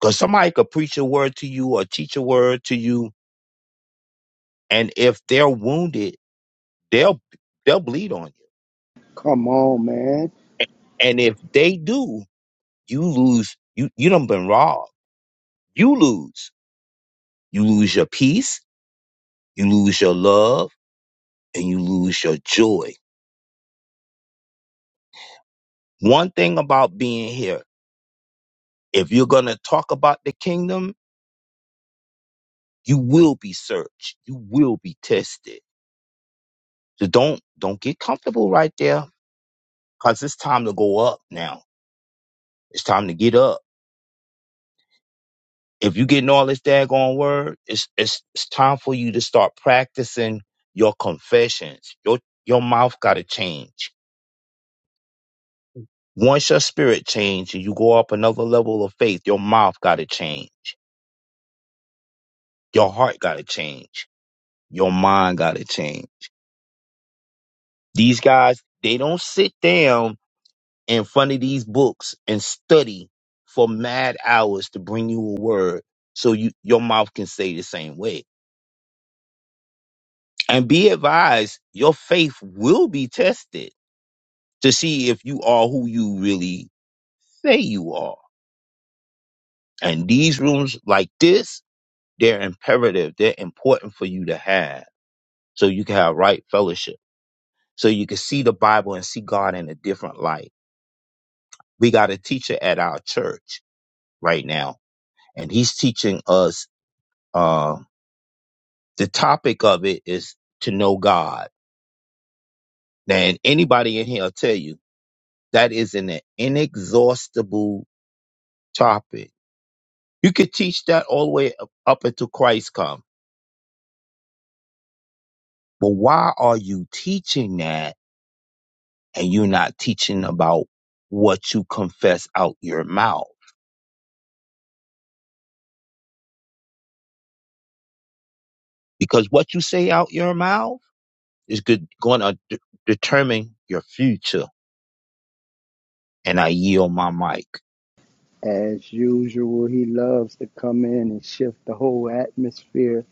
[SPEAKER 7] Cause somebody could preach a word to you or teach a word to you. And if they're wounded, they'll they'll bleed on you.
[SPEAKER 3] Come on, man.
[SPEAKER 7] And if they do, you lose. You you done been robbed. You lose. You lose your peace. You lose your love, and you lose your joy. One thing about being here, if you're gonna talk about the kingdom, you will be searched. You will be tested. So don't don't get comfortable right there, cause it's time to go up now. It's time to get up. if you're getting all this daggone word, it's it's it's time for you to start practicing your confessions. Your your mouth gotta change. Once your spirit change and you go up another level of faith, your mouth gotta change. Your heart gotta change. Your mind gotta change. These guys, they don't sit down in front of these books and study for mad hours to bring you a word so you your mouth can say the same way. And be advised, your faith will be tested to see if you are who you really say you are. And these rooms like this, they're imperative. They're important for you to have so you can have right fellowship. So you can see the Bible and see God in a different light. We got a teacher at our church right now, and he's teaching us uh, the topic of it is to know God. And anybody in here will tell you that is an inexhaustible topic. You could teach that all the way up up until Christ comes But why are you teaching that and you're not teaching about what you confess out your mouth? Because what you say out your mouth is good, going to de- determine your future. And I yield my mic.
[SPEAKER 3] As usual, he loves to come in and shift the whole atmosphere.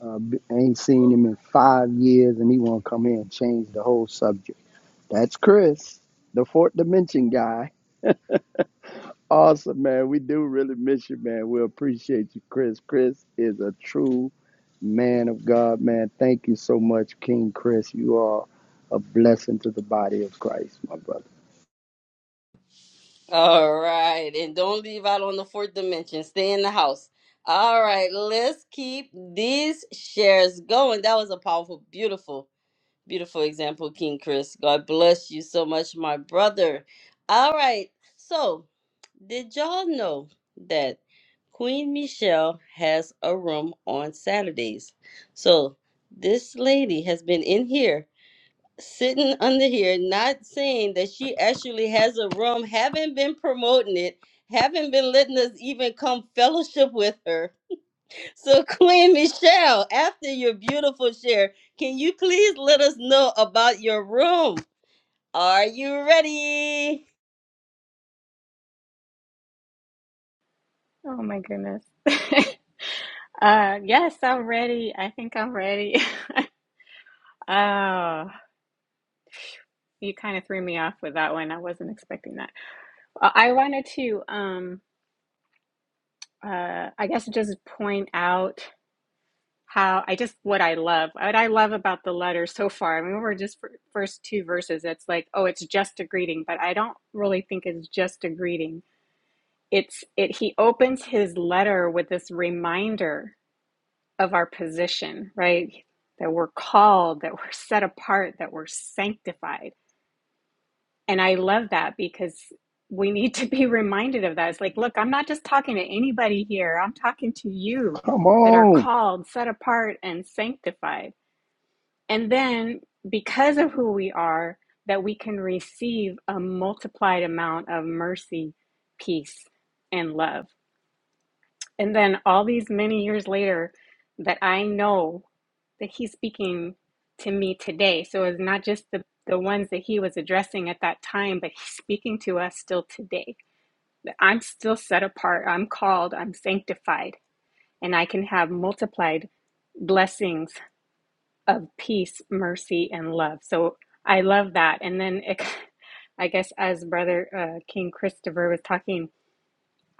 [SPEAKER 3] Uh, b- ain't seen him in five years, and he want to come in and change the whole subject. That's Chris, the fourth dimension guy. Awesome, man. We do really miss you, man. We appreciate you, Chris. Chris is a true man of God, man. Thank you so much, King Chris. You are a blessing to the body of Christ, my brother.
[SPEAKER 1] All right, and don't leave out on the fourth dimension. Stay in the house. All right, let's keep these shares going. That was a powerful, beautiful. Beautiful example, King Chris. God bless you so much, my brother. All right. So, did y'all know that Queen Michelle has a room on Saturdays? So, this lady has been in here, sitting under here, not saying that she actually has a room, haven't been promoting it, haven't been letting us even come fellowship with her. So, Queen Michelle, after your beautiful share, can you please let us know about your room? Are you ready?
[SPEAKER 4] Oh my goodness. uh, yes, I'm ready. I think I'm ready. Oh, you kind of threw me off with that one. I wasn't expecting that. I I wanted to, um, uh, I guess, just point out how I just what I love, what I love about the letter so far. I mean, we're just fir- first two verses. It's like, oh, it's just a greeting, but I don't really think it's just a greeting. It's it. He opens his letter with this reminder of our position, right? That we're called, that we're set apart, that we're sanctified. And I love that because we need to be reminded of that. It's like, look, I'm not just talking to anybody here, I'm talking to you
[SPEAKER 3] Come
[SPEAKER 4] that are
[SPEAKER 3] on.
[SPEAKER 4] called, set apart, and sanctified. And then because of who we are, that we can receive a multiplied amount of mercy, peace, and love and then all these many years later, that I know that he's speaking to me today. So it's not just the, the ones that he was addressing at that time, but he's speaking to us still today. That I'm still set apart, I'm called, I'm sanctified, and I can have multiplied blessings of peace, mercy, and love. So I love that. And then it, I guess as Brother uh, King Christopher was talking,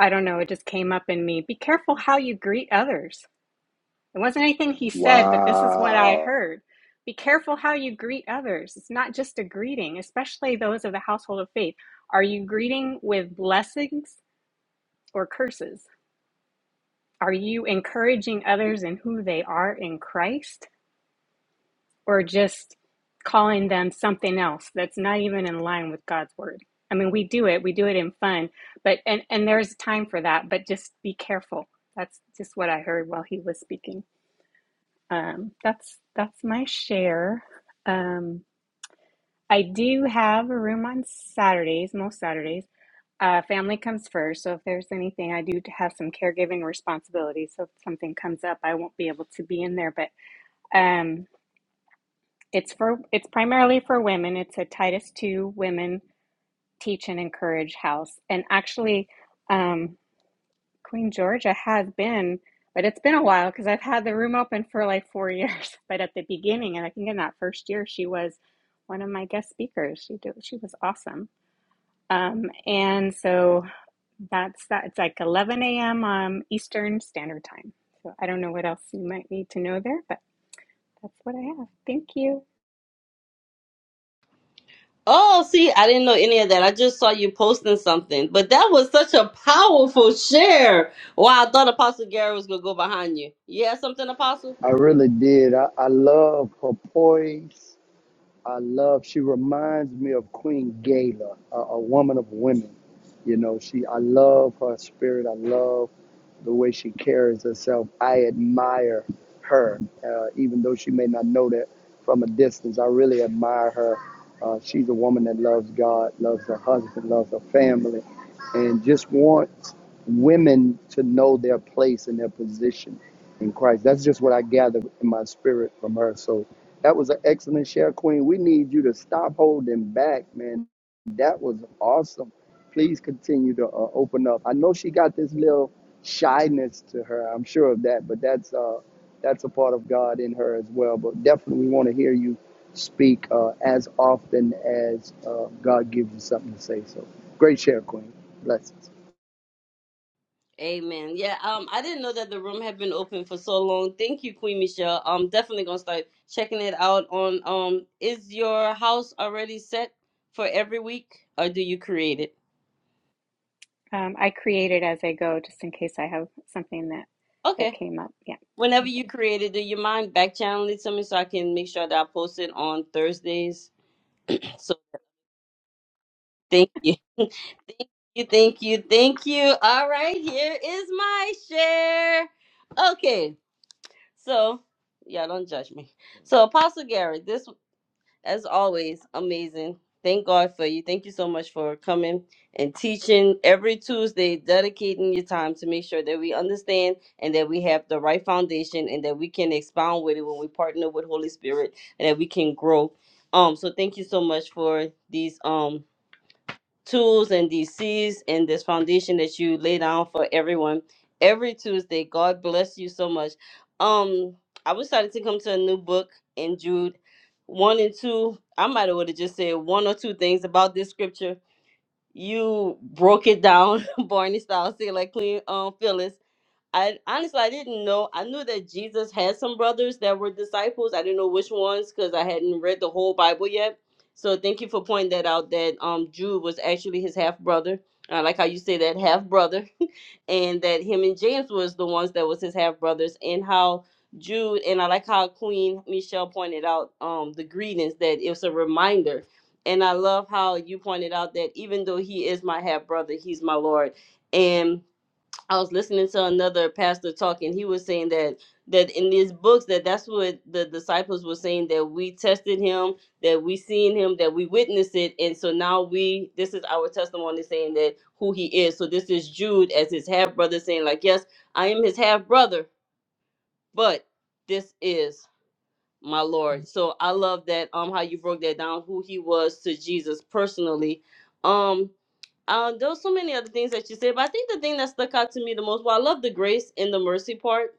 [SPEAKER 4] I don't know, it just came up in me. Be careful how you greet others it wasn't anything he said, but this is what I
[SPEAKER 3] Wow.
[SPEAKER 4] heard. Be careful how you greet others. It's not just a greeting, especially those of the household of faith. Are you greeting with blessings or curses? Are you encouraging others in who they are in Christ or just calling them something else that's not even in line with God's word? I mean, we do it, we do it in fun, but and and there's time for that, but just be careful. That's just what I heard while he was speaking. Um, that's that's my share. Um, I do have a room on Saturdays, most Saturdays. Uh, family comes first, so if there's anything, I do have some caregiving responsibilities. So if something comes up, I won't be able to be in there. But um, it's for it's primarily for women. It's a Titus two women teach and encourage house, and actually. um. Queen Georgia has been, but it's been a while because I've had the room open for like four years. But at the beginning, and I think in that first year, she was one of my guest speakers. She did, she was awesome. Um, and so that's that. It's like 11 a.m. Um, Eastern Standard Time. So I don't know what else you might need to know there, but that's what I have. Thank you.
[SPEAKER 1] Oh, see, I didn't know any of that. I just saw you posting something. But that was such a powerful share. Wow, I thought Apostle Gary was going to go behind you. You had something, Apostle?
[SPEAKER 3] I really did. I, I love her poise. I love. She reminds me of Queen Gala, a, a woman of women. You know, she. I love her spirit. I love the way she carries herself. I admire her, uh, even though she may not know that from a distance. I really admire her. Uh, she's a woman that loves God, loves her husband, loves her family, and just wants women to know their place and their position in Christ. That's just what I gather in my spirit from her. So that was an excellent share, Queen. We need you to stop holding back, man. That was awesome. Please continue to uh, open up. I know she got this little shyness to her. I'm sure of that, but that's uh, that's a part of God in her as well. But definitely, we want to hear you speak uh, as often as uh, God gives you something to say. So, great share, Queen. Blessings.
[SPEAKER 1] Amen. Yeah, um, I didn't know that the room had been open for so long. Thank you, Queen Michelle. I'm definitely gonna start checking it out on um is your house already set for every week or do you create it?
[SPEAKER 4] Um, I create it as I go, just in case I have something that that
[SPEAKER 1] Okay.
[SPEAKER 4] came up. Yeah,
[SPEAKER 1] Whenever
[SPEAKER 4] thank you.
[SPEAKER 1] you create it, do you mind back channeling to me so I can make sure that I post it on Thursdays? So thank you. Thank you, thank you, thank you. All right, here is my share. Okay, so yeah, don't judge me. So Apostle Garrett, this as always, amazing. Thank God for you. Thank you so much for coming and teaching every Tuesday, dedicating your time to make sure that we understand and that we have the right foundation and that we can expound with it when we partner with Holy Spirit and that we can grow. Um, so thank you so much for these um tools and these seeds and this foundation that you lay down for everyone every Tuesday. God bless you so much. Um, I was starting to come to a new book in Jude one and two. I might have would have just said one or two things about this scripture. You broke it down, Barney style, say like Queen um Phyllis. I honestly I didn't know. I knew that Jesus had some brothers that were disciples. I didn't know which ones because I hadn't read the whole Bible yet. So thank you for pointing that out. That um Jude was actually his half brother. I like how you say that half brother, and that him and James was the ones that was his half brothers, and how Jude and I like how Queen Michelle pointed out um the greetings that it's a reminder, and I love how you pointed out that even though he is my half brother, he's my Lord, And I was listening to another pastor talking. He was saying that that in these books that that's what the disciples were saying that we tested him, that we seen him, that we witnessed it, and so now we this is our testimony saying that who he is. So this is Jude as his half brother saying like, yes, I am his half brother, but this is my Lord. So I love that um how you broke that down who he was to Jesus personally. Um um, there were so many other things that you said, but I think the thing that stuck out to me the most, well, I love the grace and the mercy part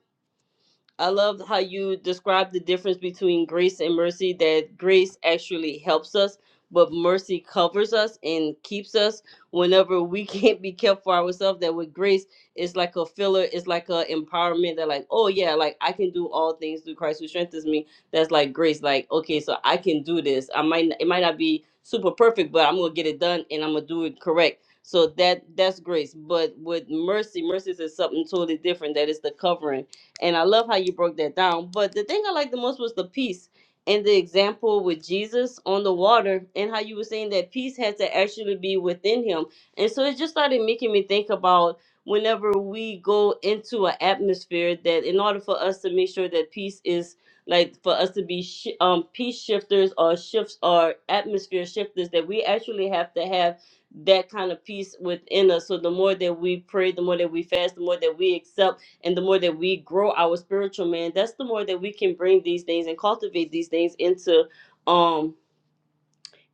[SPEAKER 1] I love how you describe the difference between grace and mercy, that grace actually helps us, but mercy covers us and keeps us whenever we can't be kept for ourselves. That with grace, it's like a filler, it's like a empowerment that, like, oh yeah, like I can do all things through Christ who strengthens me. That's like grace, like, okay, so I can do this. I might it might not be super perfect, but I'm gonna get it done and I'm gonna do it correct. So that that's grace. But with mercy, mercy is something totally different. That is the covering and I love how you broke that down. But the thing I liked the most was the peace and the example with Jesus on the water and how you were saying that peace had to actually be within him. And so it just started making me think about whenever we go into an atmosphere that in order for us to make sure that peace is like for us to be sh- um, peace shifters or shifts or atmosphere shifters that we actually have to have that kind of peace within us. So the more that we pray, the more that we fast, the more that we accept and the more that we grow our spiritual man that's the more that we can bring these things and cultivate these things into um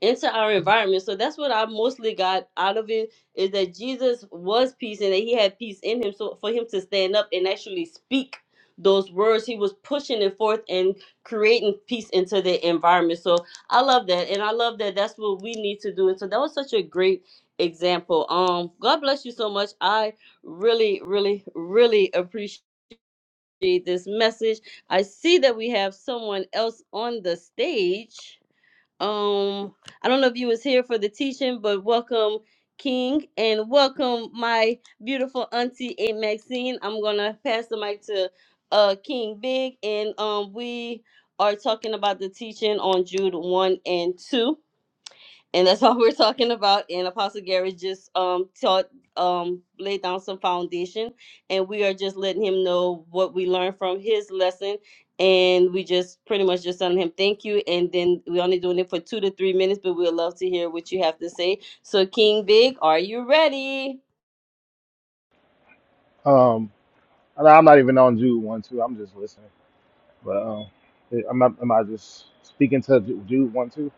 [SPEAKER 1] into our environment so that's what i mostly got out of it is that jesus was peace and that he had peace in him so for him to stand up and actually speak those words he was pushing it forth and creating peace into the environment so i love that and i love that that's what we need to do and so that was such a great example um god bless you so much i really really really appreciate this message. I see that we have someone else on the stage. Um, I don't know if you was here for the teaching, but welcome King and welcome my beautiful auntie Aunt Maxine. I'm gonna pass the mic to uh King Big and um we are talking about the teaching on Jude 1 and 2 and that's all we're talking about. And Apostle Gary just um taught um laid down some foundation, and we are just letting him know what we learned from his lesson. And we just pretty much just telling him thank you, and then we're only doing it for two to three minutes, but we'd love to hear what you have to say. So King Big, are you ready?
[SPEAKER 8] Um, and I'm not even on Jude one two. I'm just listening. But um, am I am I just speaking to Ju- Jude one two?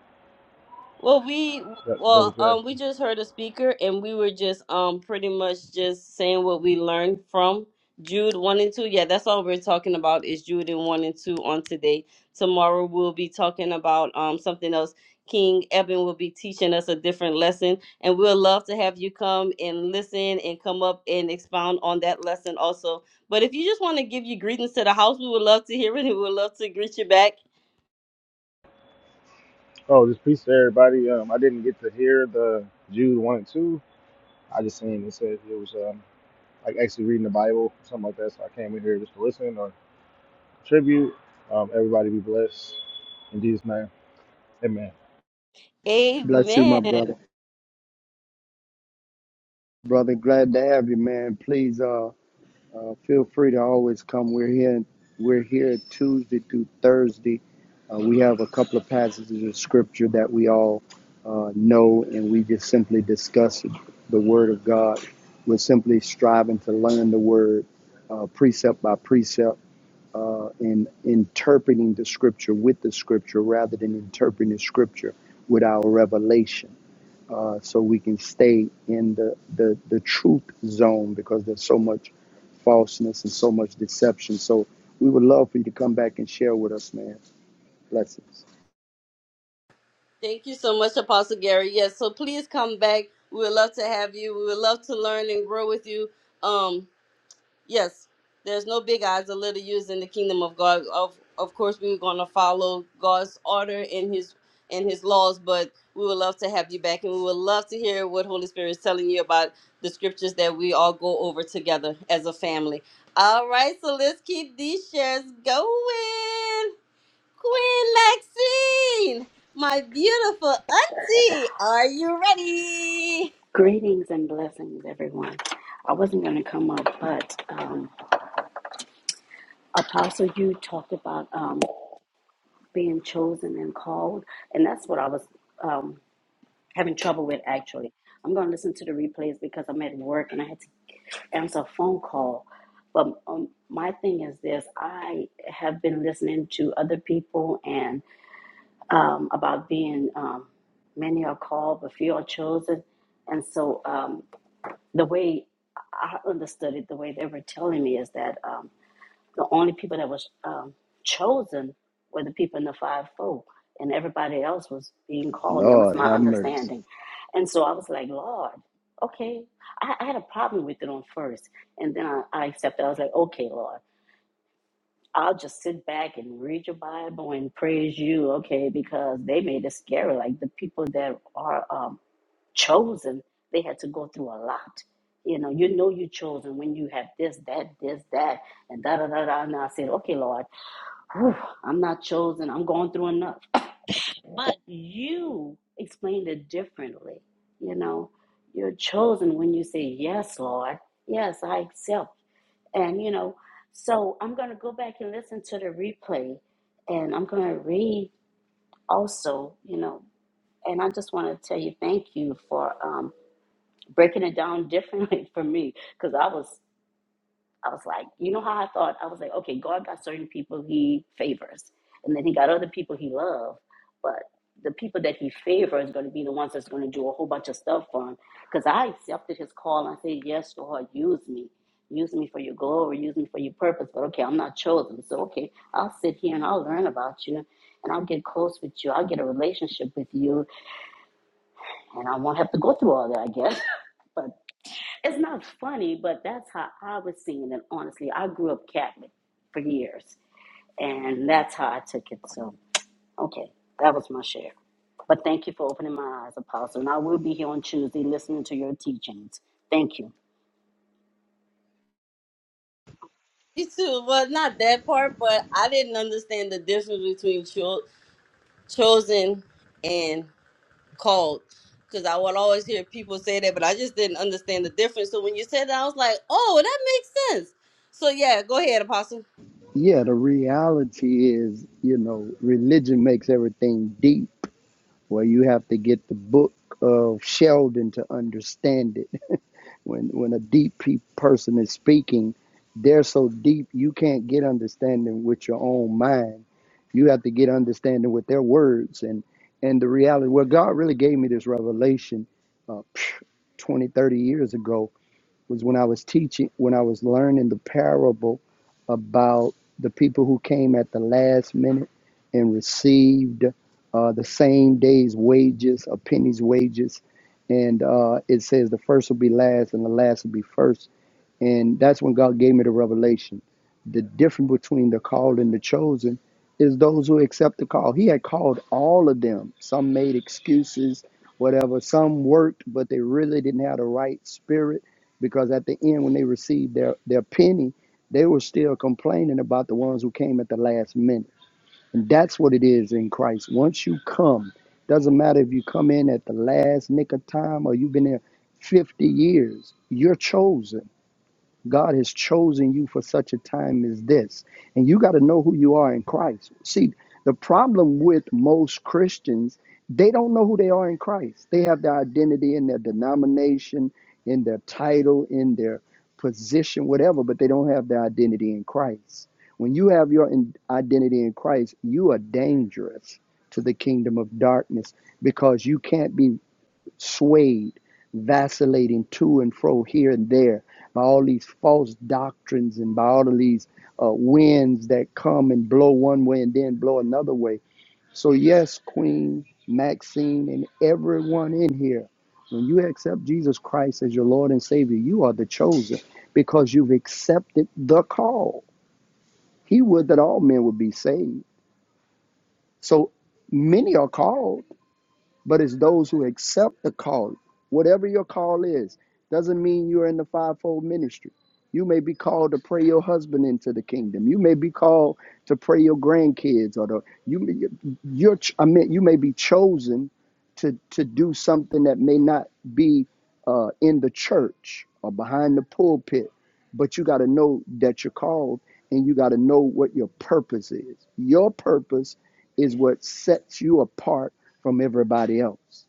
[SPEAKER 1] Well, we
[SPEAKER 8] That, that was
[SPEAKER 1] well, um, we
[SPEAKER 8] asking.
[SPEAKER 1] just heard a speaker, and we were just um pretty much just saying what we learned from Jude one and two. Yeah, that's all we're talking about is Jude and one and two on today. Tomorrow we'll be talking about um something else. King Eben will be teaching us a different lesson, and we'll love to have you come and listen and come up and expound on that lesson also. But if you just want to give your greetings to the house, we would love to hear it, and we would love to greet you back.
[SPEAKER 8] Oh, just peace to everybody. Um, I didn't get to hear the Jude one and two. I just seen it said it was um like actually reading the Bible something like that. So I came in here just to listen or contribute. Um, everybody be blessed in Jesus' name. Amen.
[SPEAKER 3] Bless you, my
[SPEAKER 1] Amen.
[SPEAKER 3] brother. Brother, glad to have you, man. Please. Uh, Uh, feel free to always come. We're here. We're here Tuesday through Thursday. Uh, we have a couple of passages of scripture that we all uh, know, and we just simply discuss the Word of God. We're simply striving to learn the Word, uh, precept by precept, uh, in interpreting the Scripture with the Scripture rather than interpreting the Scripture with our revelation uh, so we can stay in the, the, the truth zone because there's so much falseness and so much deception. So we would love for you to come back and share with us, man. Blessings.
[SPEAKER 1] Thank you so much, Apostle Gary. Yes, so please come back. We would love to have you. We would love to learn and grow with you. Um, yes, there's no big eyes or little U's in the kingdom of God. Of of course, we we're gonna follow God's order and His and His laws, but we would love to have you back, and we would love to hear what Holy Spirit is telling you about the scriptures that we all go over together as a family. All right, so let's keep these shares going. Queen Maxine, my beautiful auntie, are you ready?
[SPEAKER 9] Greetings and blessings, everyone. I wasn't going to come up, but um, Apostle, you talked about um, being chosen and called, and that's what I was um, having trouble with actually. I'm going to listen to the replays because I'm at work and I had to answer a phone call. But um, my thing is this I have been listening to other people and um, about being um, many are called, but few are chosen. And so, um, the way I understood it, the way they were telling me is that um, the only people that was um, chosen were the people in the fivefold, and everybody else was being called. And that was
[SPEAKER 3] Lord,
[SPEAKER 9] my
[SPEAKER 3] have mercy.
[SPEAKER 9] understanding. And so I was like, Lord, okay. I, I had a problem with it on first, and then I, I accepted. I was like, okay, Lord. I'll just sit back and read your Bible and praise you, okay? Because they made it scary. Like the people that are um, chosen. They had to go through a lot. You know, you know you chosen when you have this, that, this, that, and da da da da. And I said, okay, Lord, whew, I'm not chosen. I'm going through enough. But you explained it differently. You know, you're chosen when you say, yes, Lord, yes, I accept. And you know, so I'm gonna go back and listen to the replay, and I'm gonna read also. You know, and I just want to tell you thank you for. Um, breaking it down differently for me because I was I was like, you know how I thought I was like, okay, God got certain people He favors, and then He got other people He loves, but the people that He favors is going to be the ones that's going to do a whole bunch of stuff for Him because I accepted His call and I said, yes, Lord, use me. Use me for your glory, use me for your purpose, but okay, I'm not chosen. So, okay, I'll sit here and I'll learn about you and I'll get close with you. I'll get a relationship with you and I won't have to go through all that, I guess. but it's not funny, but that's how I was seeing it. Honestly, I grew up Catholic for years, and that's how I took it. So, okay, that was my share. But thank you for opening my eyes, Apostle. And I will be here on Tuesday listening to your teachings. Thank you.
[SPEAKER 1] You too. Well, not that part, but I didn't understand the difference between cho- chosen and called. Because I would always hear people say that, but I just didn't understand the difference. So when you said that, I was like, oh, that makes sense. So yeah, go ahead, Apostle.
[SPEAKER 3] Yeah, the reality is, you know, religion makes everything deep where you have to get the book of Sheldon to understand it When when a deep pe- person is speaking, they're so deep you can't get understanding with your own mind. You have to get understanding with their words and and the reality. Well, God really gave me this revelation uh, phew, 20, 30 years ago was when I was teaching, when I was learning the parable about the people who came at the last minute and received uh, the same day's wages, a penny's wages. And uh, it says the first will be last and the last will be first and that's when God gave me the revelation. The difference between the called and the chosen is those who accept the call. He had called all of them. Some made excuses, whatever. Some worked, but they really didn't have the right spirit because at the end, when they received their, their penny, they were still complaining about the ones who came at the last minute. And that's what it is in Christ. Once you come, doesn't matter if you come in at the last nick of time or you've been there 50 years, you're chosen God has chosen you for such a time as this. And you got to know who you are in Christ. See, the problem with most Christians, they don't know who they are in Christ. They have their identity in their denomination, in their title, in their position, whatever, but they don't have their identity in Christ. When you have your in- identity in Christ, you are dangerous to the kingdom of darkness because you can't be swayed, vacillating to and fro here and there by all these false doctrines and by all of these uh, winds that come and blow one way and then blow another way. So, yes, Queen Maxine and everyone in here, when you accept Jesus Christ as your Lord and Savior, you are the chosen because you've accepted the call. He would that all men would be saved. So, many are called but it's those who accept the call. Whatever your call is, doesn't mean you're in the fivefold ministry. You may be called to pray your husband into the kingdom. You may be called to pray your grandkids, or the, you you're I mean you may be chosen to to do something that may not be uh, in the church or behind the pulpit, but you got to know that you're called and you got to know what your purpose is. Your purpose is what sets you apart from everybody else.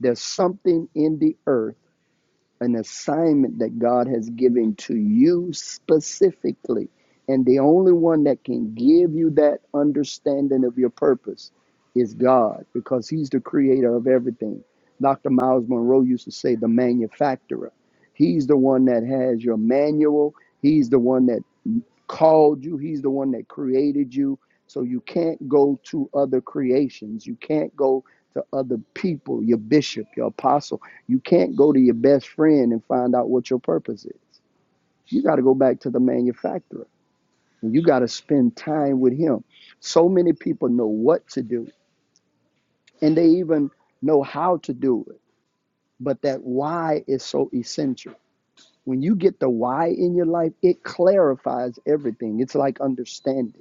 [SPEAKER 3] There's something in the earth, an assignment that God has given to you specifically. And the only one that can give you that understanding of your purpose is God, because He's the creator of everything. Dr. Miles Monroe used to say, the manufacturer. He's the one that has your manual, He's the one that called you, He's the one that created you. So you can't go to other creations. You can't go to other people, your bishop, your apostle. You can't go to your best friend and find out what your purpose is. You got to go back to the manufacturer. And you got to spend time with him. So many people know what to do and they even know how to do it. But that why is so essential. When you get the why in your life, it clarifies everything. It's like understanding.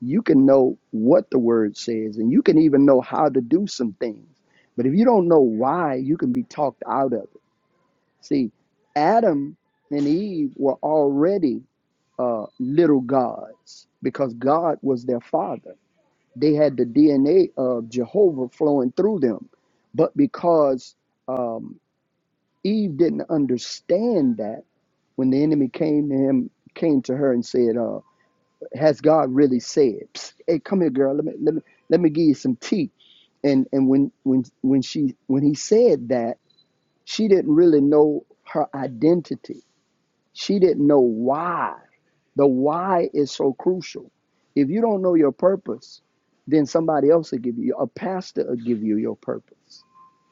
[SPEAKER 3] you can know what the word says and you can even know how to do some things. But if you don't know why, you can be talked out of it. See, Adam and Eve were already uh, little gods because God was their father. They had the DNA of Jehovah flowing through them. But because um, Eve didn't understand that, when the enemy came to him, came to her and said, uh, has God really said, Psst, "Hey, come here, girl. Let me let me let me give you some tea." And and when when when she when he said that, she didn't really know her identity. She didn't know why. The why is so crucial. If you don't know your purpose, then somebody else will give you a pastor will give you your purpose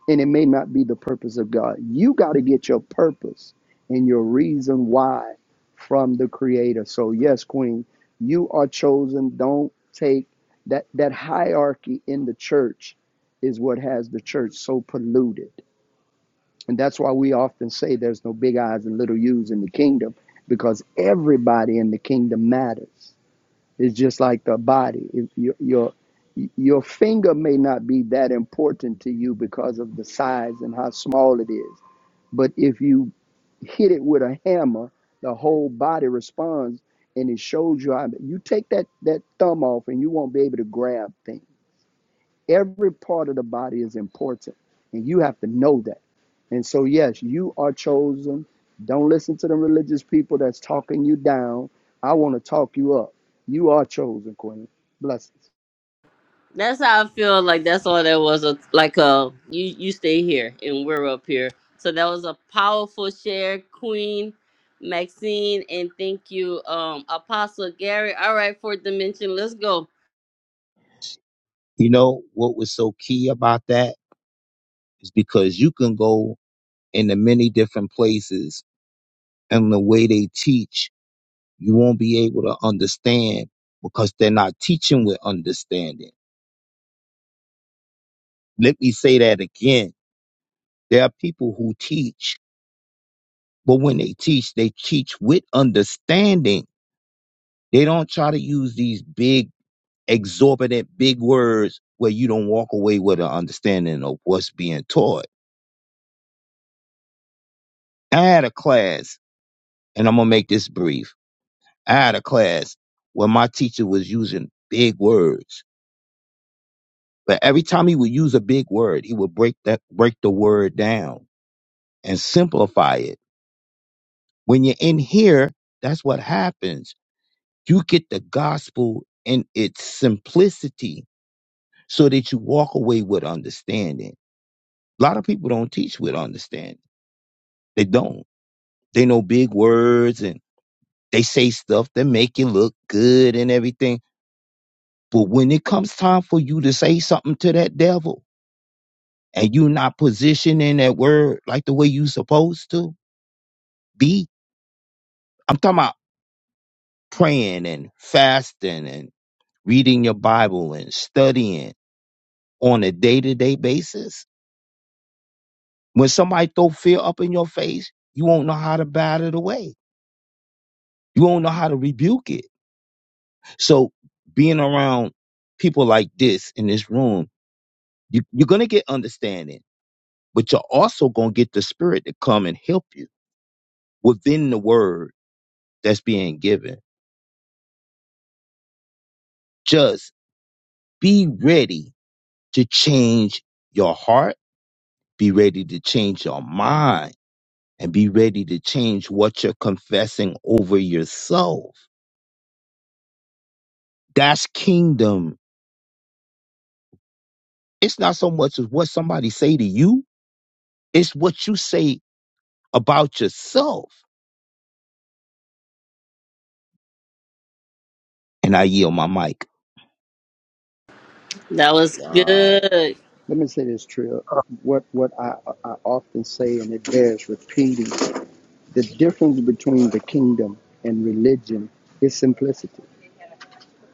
[SPEAKER 3] and it may not be the purpose of God. You got to get your purpose and your reason why from the creator. So yes, queen, you are chosen. Don't take that that hierarchy in the church is what has the church so polluted. And that's why we often say there's no big eyes and little U's in the kingdom because everybody in the kingdom matters. It's just like the body. If your your your finger may not be that important to you because of the size and how small it is, but if you hit it with a hammer, the whole body responds, and it shows you. How, you take that that thumb off, and you won't be able to grab things Every part of the body is important, and you have to know that. And so, yes, you are chosen. Don't listen to the religious people that's talking you down. I want to talk you up. You are chosen, Queen. Blessings.
[SPEAKER 1] That's how I feel like that's all that was a, like a you you stay here and we're up here. So that was a powerful share, Queen Maxine, and thank you, um, Apostle Gary. All right, fourth dimension, let's go.
[SPEAKER 7] You know what was so key about that is because you can go into many different places and the way they teach, you won't be able to understand because they're not teaching with understanding. Let me say that again. There are people who teach But when they teach, they teach with understanding. They don't try to use these big, exorbitant, big words where you don't walk away with an understanding of what's being taught. I had a class, and I'm going to make this brief. I had a class where my teacher was using big words. But every time he would use a big word, he would break that break the word down and simplify it. When you're in here, that's what happens. You get the gospel in its simplicity so that you walk away with understanding. A lot of people don't teach with understanding. They don't. They know big words and they say stuff that make you look good and everything. But when it comes time for you to say something to that devil and you're not positioning that word like the way you supposed to be, I'm talking about praying and fasting and reading your Bible and studying on a day to day basis. When somebody throw fear up in your face, you won't know how to bat it away You won't know how to rebuke it. So being around people like this in this room, you, you're gonna get understanding, but you're also gonna get the spirit to come and help you within the word that's being given. Just be ready to change your heart, be ready to change your mind, and be ready to change what you're confessing over yourself. That's kingdom. It's not so much as what somebody say to you, it's what you say about yourself. And I yield my mic.
[SPEAKER 1] That was
[SPEAKER 3] Wow.
[SPEAKER 1] good.
[SPEAKER 3] Let me say this, Trill. What what I, I often say, and it bears repeating, the difference between the kingdom and religion is simplicity.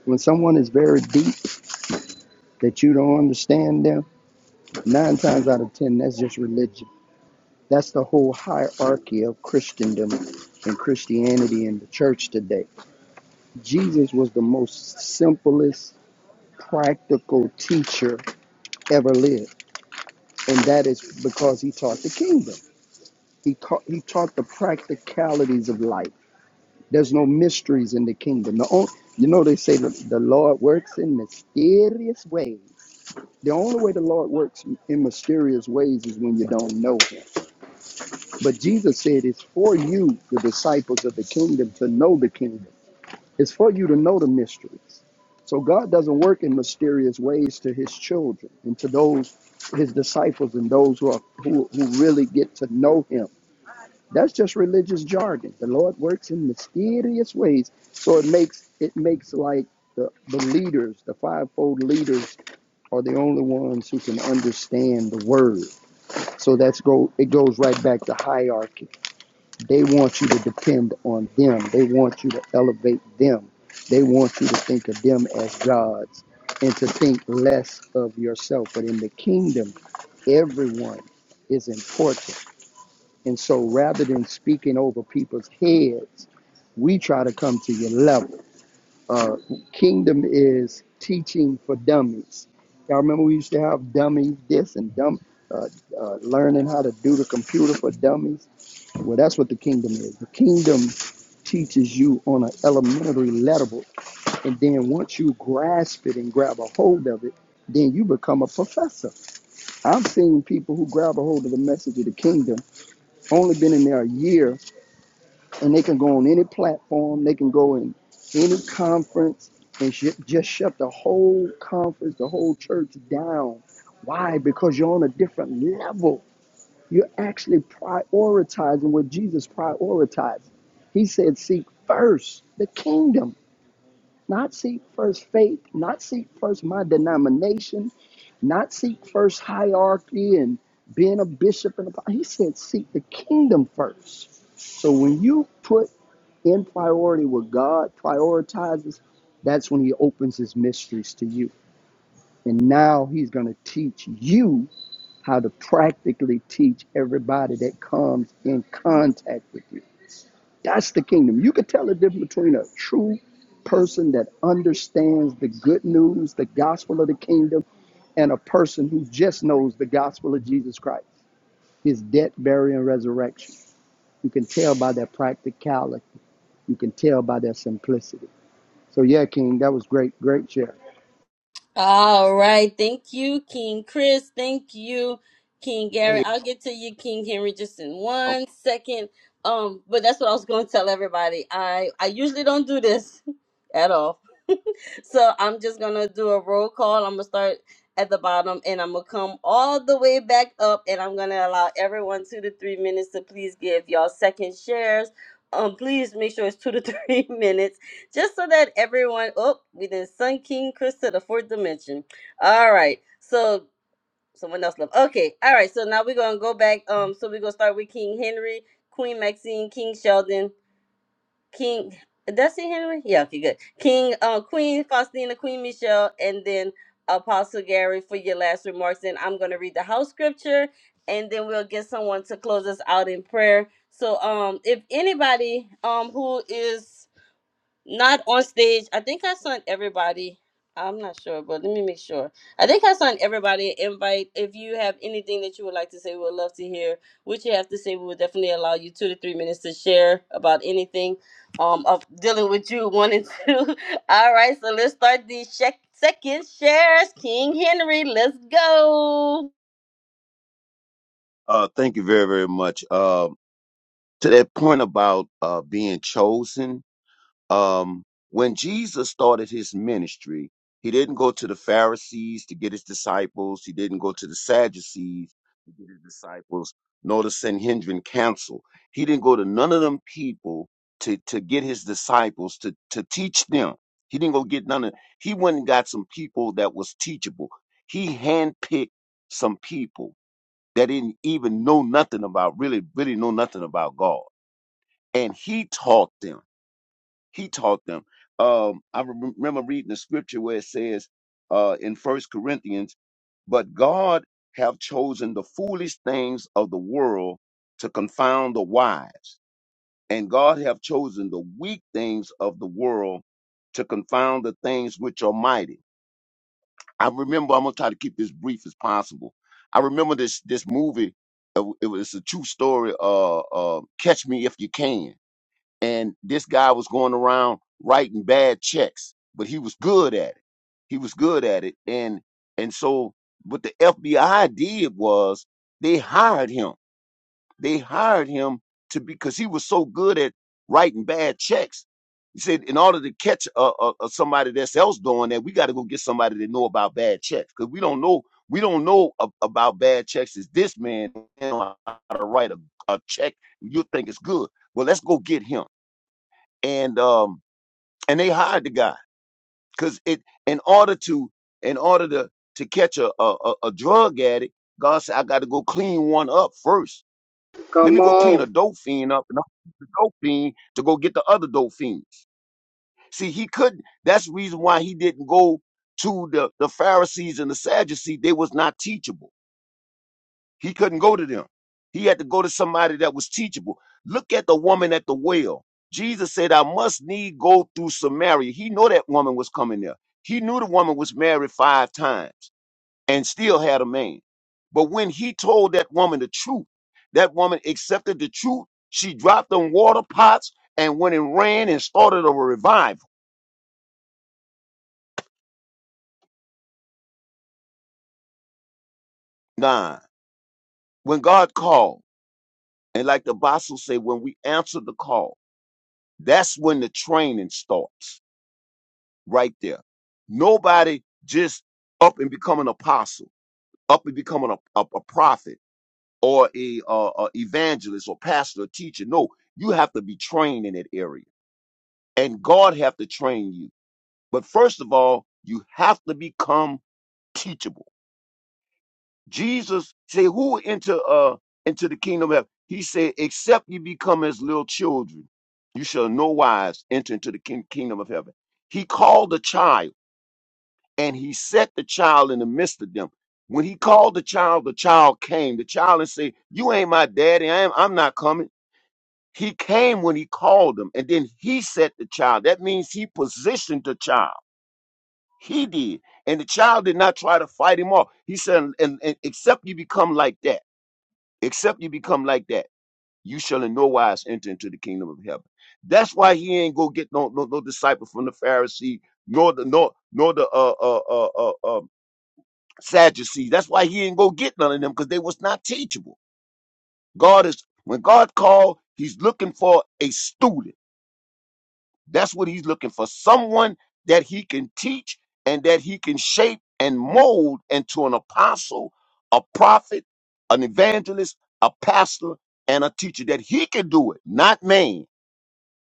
[SPEAKER 3] When someone is very deep that you don't understand them, nine times out of ten, that's just religion That's the whole hierarchy of Christendom and Christianity in the church today. Jesus was the most simplest, practical teacher ever lived, and that is because he taught the kingdom. He taught he taught the practicalities of life. There's no mysteries in the kingdom. The only, you know they say that the Lord works in mysterious ways. The only way the Lord works in mysterious ways is when you don't know him. But Jesus said, It's for you, the disciples of the kingdom, to know the kingdom. It's for you to know the mysteries. So God doesn't work in mysterious ways to his children and to those, his disciples, and those who, are, who, who really get to know him. That's just religious jargon. The Lord works in mysterious ways. So it makes it makes like the, the leaders, the fivefold leaders, are the only ones who can understand the word. So that's go it goes right back to hierarchy they want you to depend on them. They want you to elevate them. They want you to think of them as gods and to think less of yourself. But in the kingdom, everyone is important. And so rather than speaking over people's heads, we try to come to your level. Uh, kingdom is teaching for dummies. Y'all remember we used to have dummy this and dumb, uh, uh, learning how to do the computer for dummies? Well, that's what the kingdom is. The kingdom teaches you on an elementary level. And then once you grasp it and grab a hold of it, then you become a professor. I've seen people who grab a hold of the message of the kingdom, only been in there a year, and they can go on any platform, they can go in any conference and sh- just shut the whole conference, the whole church down. Why? Because you're on a different level. You're actually prioritizing what Jesus prioritized. He said, Seek first the kingdom, not seek first faith, not seek first my denomination, not seek first hierarchy and being a bishop. And a, he said, Seek the kingdom first. So when you put in priority what God prioritizes, that's when He opens His mysteries to you. And now He's going to teach you how to practically teach everybody that comes in contact with you. That's the kingdom. You could tell the difference between a true person that understands the good news, the gospel of the kingdom, and a person who just knows the gospel of Jesus Christ, his death, burial, and resurrection. You can tell by their practicality. You can tell by their simplicity. So yeah, King, that was great, great share.
[SPEAKER 1] All right, thank you, King Chris. Thank you, King Gary. I'll get to you, King Henry, just in one second. Um, but that's what I was going to tell everybody. I I usually don't do this at all So I'm just gonna do a roll call. I'm gonna start at the bottom and I'm gonna come all the way back up and I'm gonna allow everyone two to three minutes to please give y'all second shares. Um, please make sure it's two to three minutes, just so that everyone. Oh, we then Sun King Chris to the fourth dimension. All right, so someone else left. Okay, all right. So now we're gonna go back. Um, so we're gonna start with King Henry, Queen Maxine, King Sheldon. King that's it, Henry? Yeah, okay, good. King uh Queen Faustina, Queen Michelle, and then Apostle Gary for your last remarks. And I'm gonna read the house scripture and then we'll get someone to close us out in prayer. So um if anybody um who is not on stage. I think I sent everybody. I'm not sure, but let me make sure. I think I sent everybody an invite. If you have anything that you would like to say, we would love to hear what you have to say. We would definitely allow you two to three minutes to share about anything um of dealing with you one and two. All right, so let's start the sec second shares. King Henry, let's go.
[SPEAKER 5] Uh, thank you very, very much. Um, to that point about uh, being chosen, um, when Jesus started his ministry, he didn't go to the Pharisees to get his disciples. He didn't go to the Sadducees to get his disciples, nor the Sanhedrin council. He didn't go to none of them people to, to get his disciples to, to teach them. He didn't go get none of. He went and got some people that was teachable. He handpicked some people that didn't even know nothing about really really know nothing about god and he taught them he taught them um i rem- remember reading the scripture where it says uh in first corinthians but god have chosen the foolish things of the world to confound the wise and god have chosen the weak things of the world to confound the things which are mighty I remember I'm gonna try to keep this brief as possible. I remember this this movie. uh, It was a true story. Uh, uh, Catch Me If You Can. And this guy was going around writing bad checks, but he was good at it. He was good at it. And and so what the FBI did was they hired him they hired him to be because he was so good at writing bad checks. He said, in order to catch uh, uh, uh, somebody that's else doing that, we got to go get somebody that know about bad checks because we don't know we don't know a- about bad checks. Is this man know how to write a, a check? You think it's good? Well, let's go get him. And um and they hired the guy because it in order to in order to to catch a a, a a drug addict, God said I got to go clean one up first. Let
[SPEAKER 3] Come
[SPEAKER 5] me go clean
[SPEAKER 3] on.
[SPEAKER 5] a dope fiend up and I'll use the dope fiend to go get the other dope fiends. See, he couldn't. That's the reason why he didn't go to the, the Pharisees and the Sadducees. They was not teachable. He couldn't go to them. He had to go to somebody that was teachable. Look at the woman at the well. Jesus said, I must need go through Samaria. He knew that woman was coming there. He knew the woman was married five times and still had a man. But when he told that woman the truth, that woman accepted the truth. She dropped them water pots and went and ran and started a revival. Nah, when God called, and like the apostle said, when we answer the call, that's when the training starts right there. Nobody just up and become an apostle, up and becoming a, a, a prophet or a, uh, a evangelist or pastor or teacher. No, you have to be trained in that area. and God have to train you. But first of all, you have to become teachable. Jesus say, "Who into uh into the kingdom of heaven?" He said, "Except you become as little children, you shall no wise enter into the king- kingdom of heaven." He called the child, and he set the child in the midst of them. When he called the child, the child came. The child and say, "You ain't my daddy. I am, I'm not coming." He came when he called him, and then he set the child. That means he positioned the child. He did. And the child did not try to fight him off. He said, and, and except you become like that, except you become like that, you shall in no wise enter into the kingdom of heaven. That's why he ain't go get no no, no disciple from the Pharisee, nor the nor nor the uh uh uh uh, uh Sadducees. That's why he ain't go get none of them because they was not teachable. God is when God called, he's looking for a student. That's what he's looking for someone that he can teach and that he can shape and mold into an apostle, a prophet, an evangelist, a pastor, and a teacher, that he can do it, not man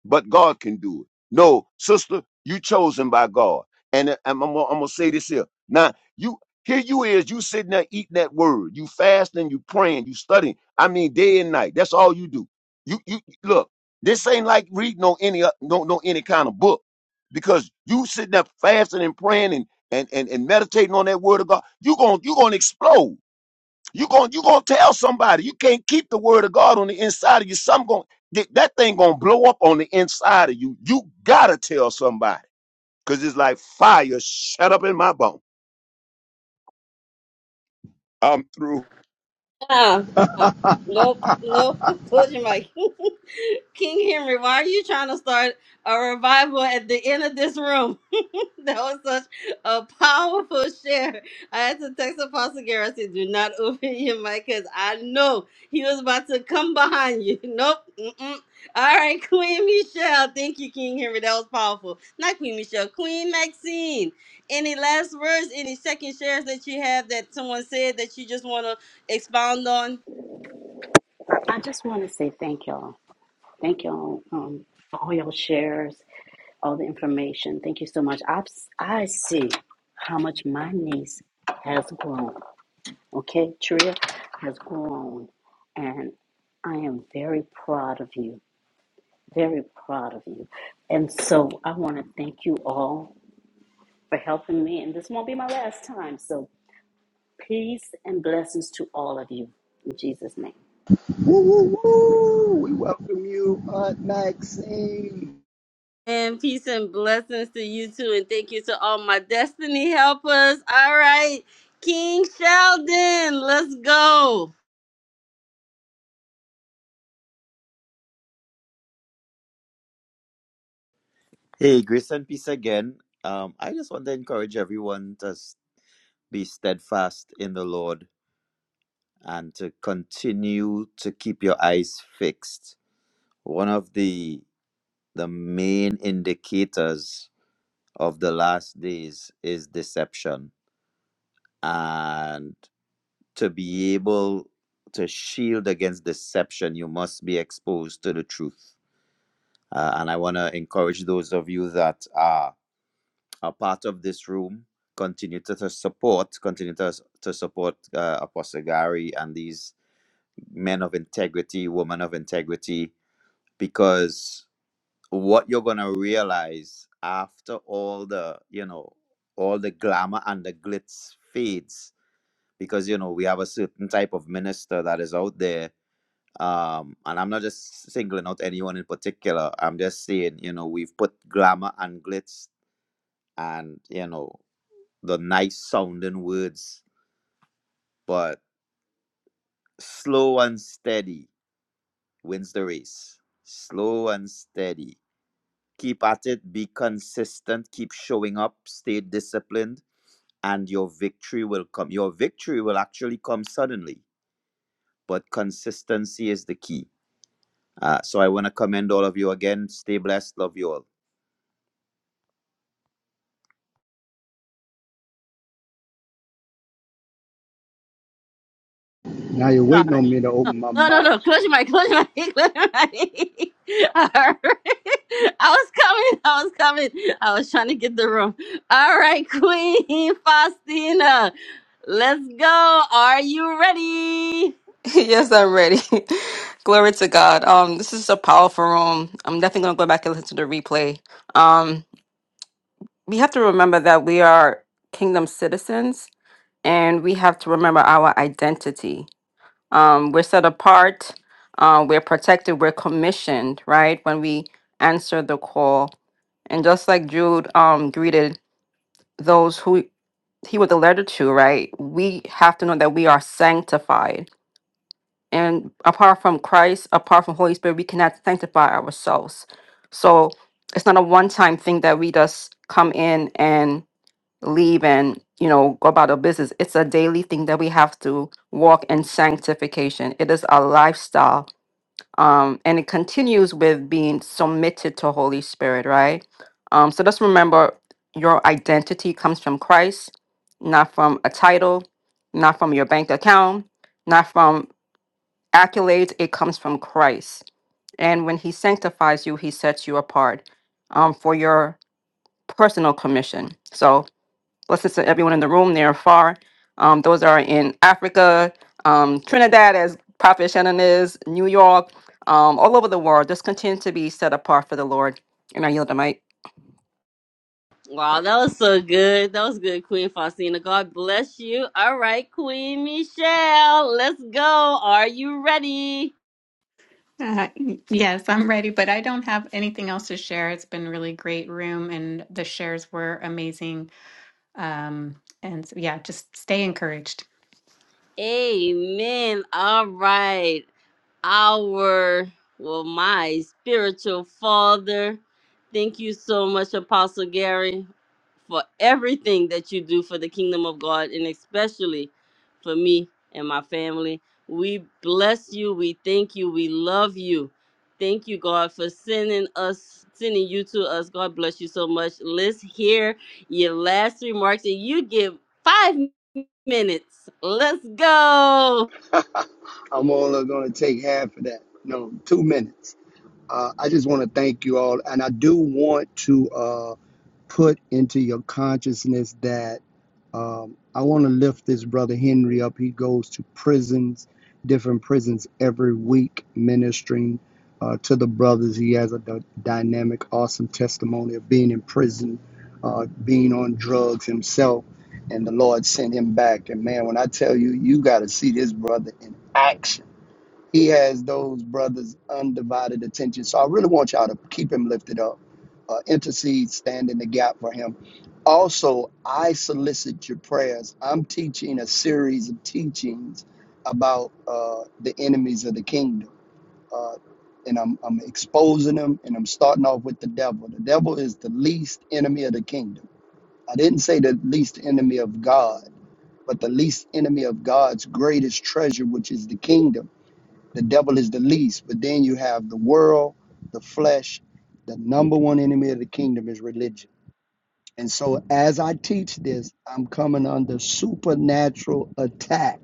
[SPEAKER 5] but God can do it. No, sister, you chosen by God. And I- I'm, I'm, gonna- I'm gonna say this here. Now, you here you is, you sitting there eating that word. You fasting, you praying, you studying. I mean, day and night. That's all you do. You you look, this ain't like reading on any o- no no any kind of book. Because you sitting there fasting and praying and and, and, and meditating on that word of God, you gonna you gonna explode. You going you gonna tell somebody you can't keep the word of God on the inside of you. Some going that that thing gonna blow up on the inside of you. You gotta tell somebody because it's like fire shut up in my bone. I'm through.
[SPEAKER 1] Ah, uh, nope, nope. Close your mic. King Henry, why are you trying to start a revival at the end of this room? that was such a powerful share. I had to text Apostle Gary. I said, do not open your mic because I know he was about to come behind you. Nope. Mm-mm. All right, Queen Michelle. Thank you, King Henry. That was powerful. Not Queen Michelle, Queen Maxine. Any last words, any second shares that you have that someone said that you just want to? expound on.
[SPEAKER 9] I just want to say thank y'all. Thank y'all um, for all y'all shares, all the information. Thank you so much. I I see how much my niece has grown. Okay, Tria has grown, and I am very proud of you. Very proud of you. And so I want to thank you all for helping me, and this won't be my last time. So peace and blessings to all of you in Jesus' name.
[SPEAKER 3] Woo, woo, woo! We welcome you, Aunt Maxine.
[SPEAKER 1] And peace and blessings to you too. And thank you to all my destiny helpers. All right. King Sheldon, let's go.
[SPEAKER 6] Hey, grace and peace again. Um, I just want to encourage everyone to s- be steadfast in the Lord and to continue to keep your eyes fixed. One of the the main indicators of the last days is deception. And to be able to shield against deception, you must be exposed to the truth. Uh, and I want to encourage those of you that are, are part of this room, continue to, to support, continue to, to support uh, Apostle Gary and these men of integrity, women of integrity, because what you're gonna realize after all the you know all the glamour and the glitz fades because you know we have a certain type of minister that is out there um and i'm not just singling out anyone in particular i'm just saying you know we've put glamour and glitz and you know the nice sounding words but slow and steady wins the race slow and steady keep at it be consistent keep showing up stay disciplined and your victory will come. Your victory will actually come suddenly, but consistency is the key. Uh, so I want to commend all of you again. Stay blessed. Love you all.
[SPEAKER 3] Now you're waiting
[SPEAKER 1] Sorry.
[SPEAKER 3] on me to
[SPEAKER 1] No,
[SPEAKER 3] open my
[SPEAKER 1] no, no.
[SPEAKER 3] mouth.
[SPEAKER 1] no. Close your mic. Close your mic. Close your mic. All right. I was coming. I was coming. I was trying to get the room. All right, Queen Faustina. Let's go. Are you ready?
[SPEAKER 2] yes, I'm ready. Glory to God. Um, this is a powerful room. I'm definitely gonna go back and listen to the replay. Um, we have to remember that we are kingdom citizens and we have to remember our identity um, we're set apart, uh, we're protected, we're commissioned, right? When we answer the call. And just like Jude um, greeted those who he was a letter to, right? We have to know that we are sanctified. And apart from Christ, apart from Holy Spirit, we cannot sanctify ourselves. So it's not a one time thing that we just come in and leave and you know go about our business it's a daily thing that we have to walk in sanctification it is a lifestyle um, and it continues with being submitted to Holy Spirit, right? Um, so just remember your identity comes from Christ, not from a title, not from your bank account, not from accolades. It comes from Christ. And when He sanctifies you, He sets you apart um, for your personal commission. So blessings to everyone in the room near and far. Um, those are in Africa, um, Trinidad, as Prophet Shannon is, New York, um, all over the world. Just continue to be set apart for the Lord. And I yield the mic.
[SPEAKER 1] Wow, that was so good. That was good, Queen Faustina. God bless you. All right, Queen Michelle, let's go. Are you ready?
[SPEAKER 4] Uh, yes, I'm ready, but I don't have anything else to share. It's been really great room, and the shares were amazing. Um, and so, yeah, just stay encouraged.
[SPEAKER 1] Amen. All right. our well my spiritual father thank you so much apostle gary for everything that you do for the kingdom of god and especially for me and my family we bless you we thank you we love you thank you god for sending us sending you to us god bless you so much let's hear your last remarks and you give five minutes let's go
[SPEAKER 3] I'm only going to take half of that. No, two minutes. Uh, I just want to thank you all, and I do want to. uh, put into your consciousness that um, I want to lift this brother Henry up. He goes to prisons, different prisons every week, ministering uh, to the brothers. He has a d- dynamic, awesome testimony of being in prison, uh, being on drugs himself, and the Lord sent him back. And man, when I tell you, you got to see this brother in action he has those brothers' undivided attention. So I really want y'all to keep him lifted up, uh, intercede, stand in the gap for him. Also, I solicit your prayers. I'm teaching a series of teachings about uh, the enemies of the kingdom. Uh, and I'm, I'm exposing them, and I'm starting off with the devil. The devil is the least enemy of the kingdom. I didn't say the least enemy of God but the least enemy of God's greatest treasure, which is the kingdom. The devil is the least, but then you have the world, the flesh. The number one enemy of the kingdom is religion. And so as I teach this, I'm coming under supernatural attack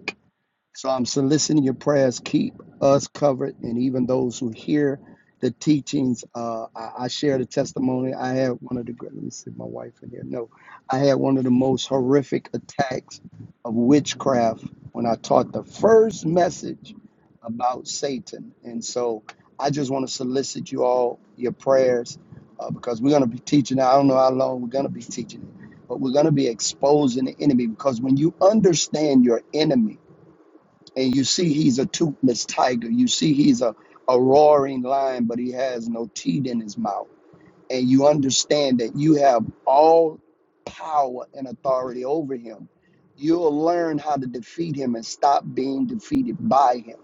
[SPEAKER 3] so I'm soliciting your prayers. Keep us covered, and even those who hear the teachings. Uh, I, I share the testimony. I had one of the great. Let me see my wife in here. No, I had one of the most horrific attacks of witchcraft when I taught the first message about Satan. And so I just want to solicit you all your prayers uh, because we're going to be teaching. I don't know how long we're going to be teaching, but we're going to be exposing the enemy because when you understand your enemy and you see he's a toothless tiger. You see he's a, a roaring lion, but he has no teeth in his mouth. And you understand that you have all power and authority over him. You'll learn how to defeat him and stop being defeated by him.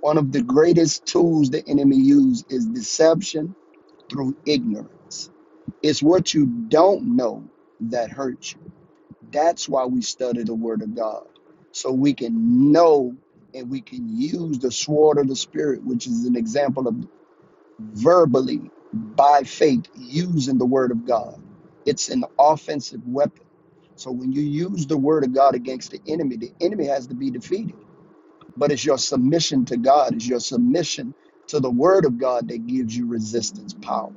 [SPEAKER 3] One of the greatest tools the enemy uses is deception through ignorance. It's what you don't know that hurts you. That's why we study the Word of God, so we can know and we can use the sword of the Spirit, which is an example of verbally, by faith, using the Word of God. It's an offensive weapon. So when you use the Word of God against the enemy, the enemy has to be defeated. But it's your submission to God, it's your submission to the Word of God that gives you resistance power.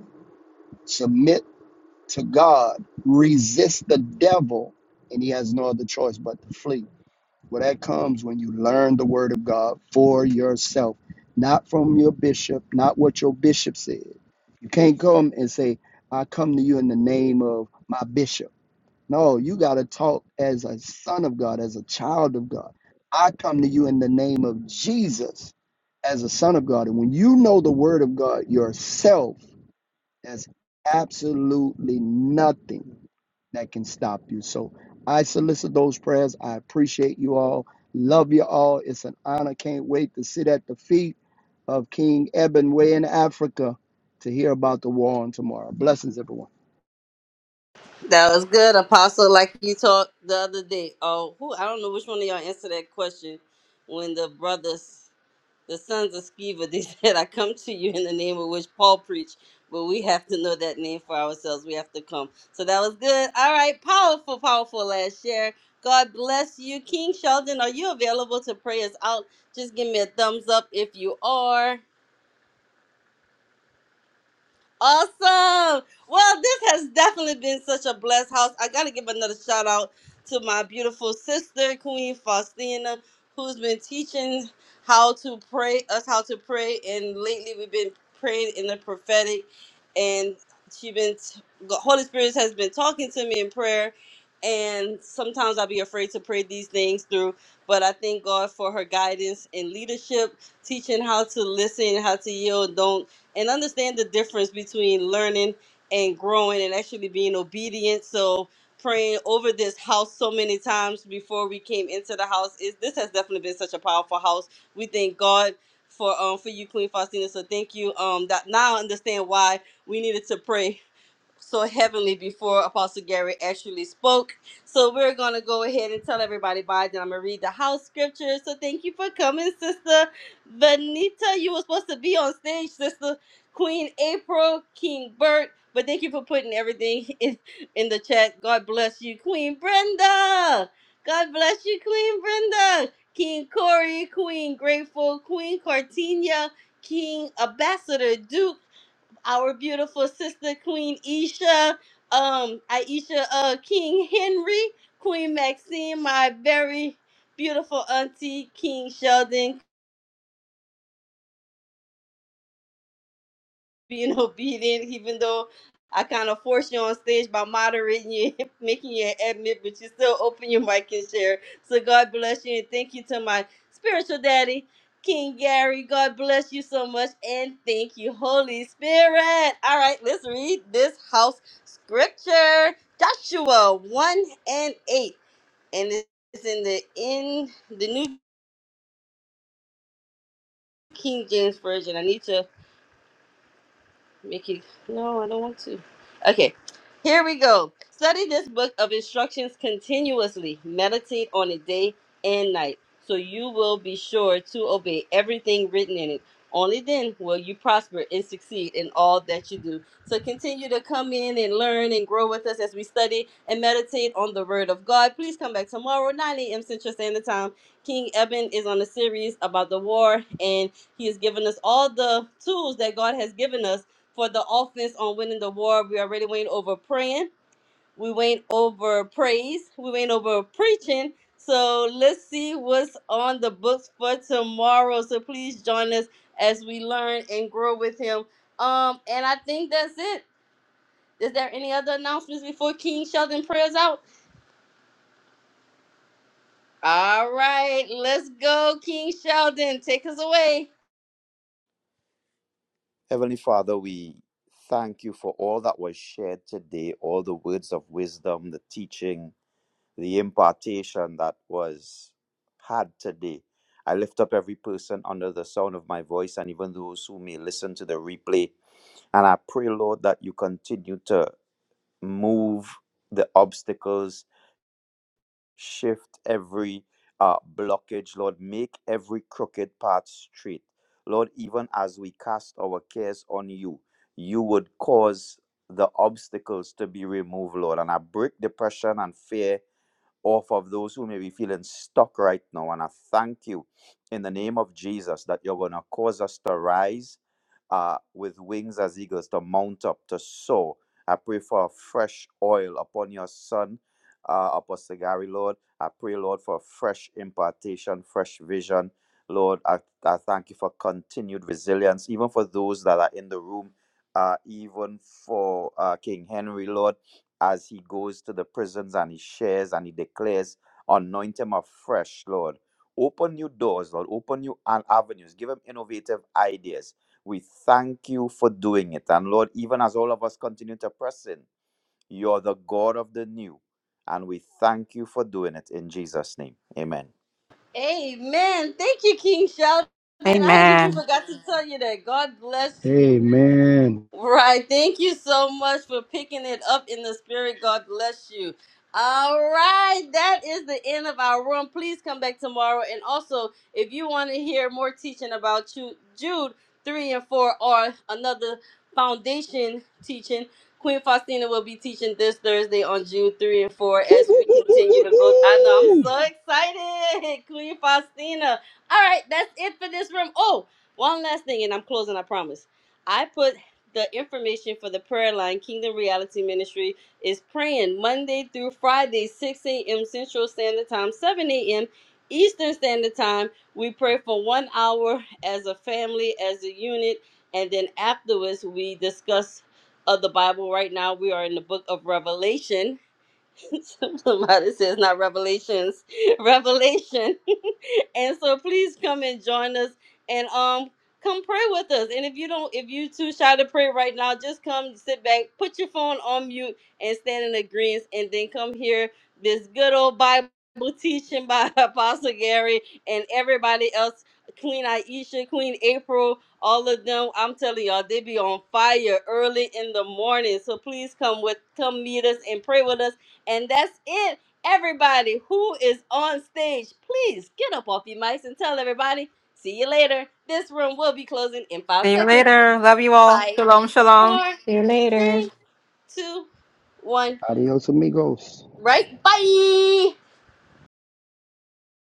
[SPEAKER 3] Submit to God, resist the devil, and he has no other choice but to flee. Well, that comes when you learn the word of God for yourself, not from your bishop, not what your bishop said. You can't come and say, I come to you in the name of my bishop. No, you got to talk as a son of God, as a child of God. I come to you in the name of Jesus as a son of God. And when you know the word of God yourself, there's absolutely nothing that can stop you. So I solicit those prayers. I appreciate you all. Love you all. It's an honor. Can't wait to sit at the feet of King Eben in Africa to hear about the war on tomorrow. Blessings, everyone.
[SPEAKER 1] That was good, Apostle. Like you talked the other day. Oh, who I don't know which one of y'all answered that question when the brothers, the sons of Sceva, they said, "I come to you in the name of which Paul preached." But we have to know that name for ourselves. We have to come. So that was good. All right, powerful, powerful last share. God bless you, King Sheldon. Are you available to pray us out? Just give me a thumbs up if you are. Awesome. Well, this has definitely been such a blessed house. I got to give another shout out to my beautiful sister, Queen Faustina, who's been teaching how to pray, us how to pray. And lately we've been praying in the prophetic. And she been, t- the Holy Spirit has been talking to me in prayer. And sometimes I'll be afraid to pray these things through. But I thank God for her guidance and leadership, teaching how to listen, how to yield. Don't and understand the difference between learning and growing and actually being obedient. So praying over this house so many times before we came into the house is this has definitely been such a powerful house. We thank God for um for you, Queen Faustina. So thank you. Um that now I understand why we needed to pray so heavenly before Apostle Gary actually spoke. So we're gonna go ahead and tell everybody bye. Then I'm gonna read the house scripture. So thank you for coming, Sister Benita. You were supposed to be on stage, Sister Queen April, King Bert. But thank you for putting everything in, in the chat. God bless you, Queen Brenda. God bless you, Queen Brenda. King Corey, Queen Grateful, Queen Cartinia, King Ambassador Duke our beautiful sister Queen Isha, um, Aisha uh, King Henry, Queen Maxine, my very beautiful auntie King Sheldon, being obedient, even though I kind of forced you on stage by moderating you, making you admit, but you still open your mic and share. So God bless you and thank you to my spiritual daddy, King Gary. God bless you so much and thank you, Holy Spirit. All right, let's read this house scripture, Joshua one and eight, and it's in the in the New King James Version. I need to Make Mickey, no, I don't want to. Okay, here we go. Study this book of instructions continuously. Meditate on it day and night, so you will be sure to obey everything written in it. Only then will you prosper and succeed in all that you do. So continue to come in and learn and grow with us as we study and meditate on the Word of God. Please come back tomorrow, 9 a.m. Central Standard Time. King Eben is on a series about the war, and he has given us all the tools that God has given us for the offense on winning the war. We already went over praying. We went over praise. We went over preaching. So let's see what's on the books for tomorrow. So please join us as we learn and grow with him. Um, and I think that's it. Is there any other announcements before King Sheldon prayers out? All right, let's go, King Sheldon. Take us away.
[SPEAKER 6] Heavenly Father, we thank you for all that was shared today, all the words of wisdom, the teaching, the impartation that was had today. I lift up every person under the sound of my voice and even those who may listen to the replay. And I pray, Lord, that you continue to move the obstacles shift every uh, blockage, Lord. Make every crooked path straight. Lord, even as we cast our cares on you, you would cause the obstacles to be removed, Lord. And I break depression and fear off of those who may be feeling stuck right now. And I thank you in the name of Jesus that you're going to cause us to rise uh, with wings as eagles, to mount up, to soar. I pray for a fresh oil upon your son, uh, Apostle Gary, Lord. I pray, Lord, for fresh impartation, fresh vision. Lord, I, I thank you for continued resilience, even for those that are in the room, uh, even for uh, King Henry, Lord as he goes to the prisons and he shares and he declares, anoint him afresh, Lord. Open new doors, Lord. Open new an- avenues. Give him innovative ideas. We thank you for doing it. And Lord, even as all of us continue to press in, you're the God of the new. And we thank you for doing it in Jesus' name. Amen.
[SPEAKER 1] Amen. Thank you, King Sheldon. I had even
[SPEAKER 2] Amen.
[SPEAKER 1] forgot to tell you that. God bless you.
[SPEAKER 3] Amen.
[SPEAKER 1] Right. Thank you so much for picking it up in the spirit. God bless you. All right. That is the end of our room. Please come back tomorrow. And also, if you want to hear more teaching about Ju- Jude 3 and 4 or another foundation teaching, Queen Faustina will be teaching this Thursday on Jude 3 and 4
[SPEAKER 3] Woo,
[SPEAKER 1] as
[SPEAKER 3] woo,
[SPEAKER 1] we
[SPEAKER 3] woo, woo,
[SPEAKER 1] continue
[SPEAKER 3] woo,
[SPEAKER 1] to go. I know. I'm
[SPEAKER 3] woo.
[SPEAKER 1] so excited. Queen Faustina. All right. That's it for this room. Oh, one last thing, and I'm closing, I promise. I put the information for the prayer line Kingdom Reality Ministry is praying Monday through Friday, 6 a.m. Central Standard Time, 7 a.m. Eastern Standard Time. We pray for one hour as a family, as a unit, and then afterwards we discuss of the Bible. Right now we are in the book of Revelation Somebody says not revelations, revelation. and so please come and join us and um come pray with us. And if you don't, if you too shy to pray right now, just come sit back, put your phone on mute, and stand in agreement, and then come hear this good old Bible teaching by Apostle Gary and everybody else. Queen Aisha, Queen April, all of them. I'm telling y'all, they be on fire early in the morning. So please come with, come meet us and pray with us and that's it. Everybody who is on stage, please get up off your mics and tell everybody, see you later. This room will be closing in five
[SPEAKER 2] See you
[SPEAKER 1] seconds.
[SPEAKER 2] later. Love you all.
[SPEAKER 1] Five,
[SPEAKER 2] Shalom, shalom.
[SPEAKER 1] four,
[SPEAKER 4] See you later.
[SPEAKER 1] three, two, one.
[SPEAKER 3] Adios, amigos.
[SPEAKER 1] Right? Bye.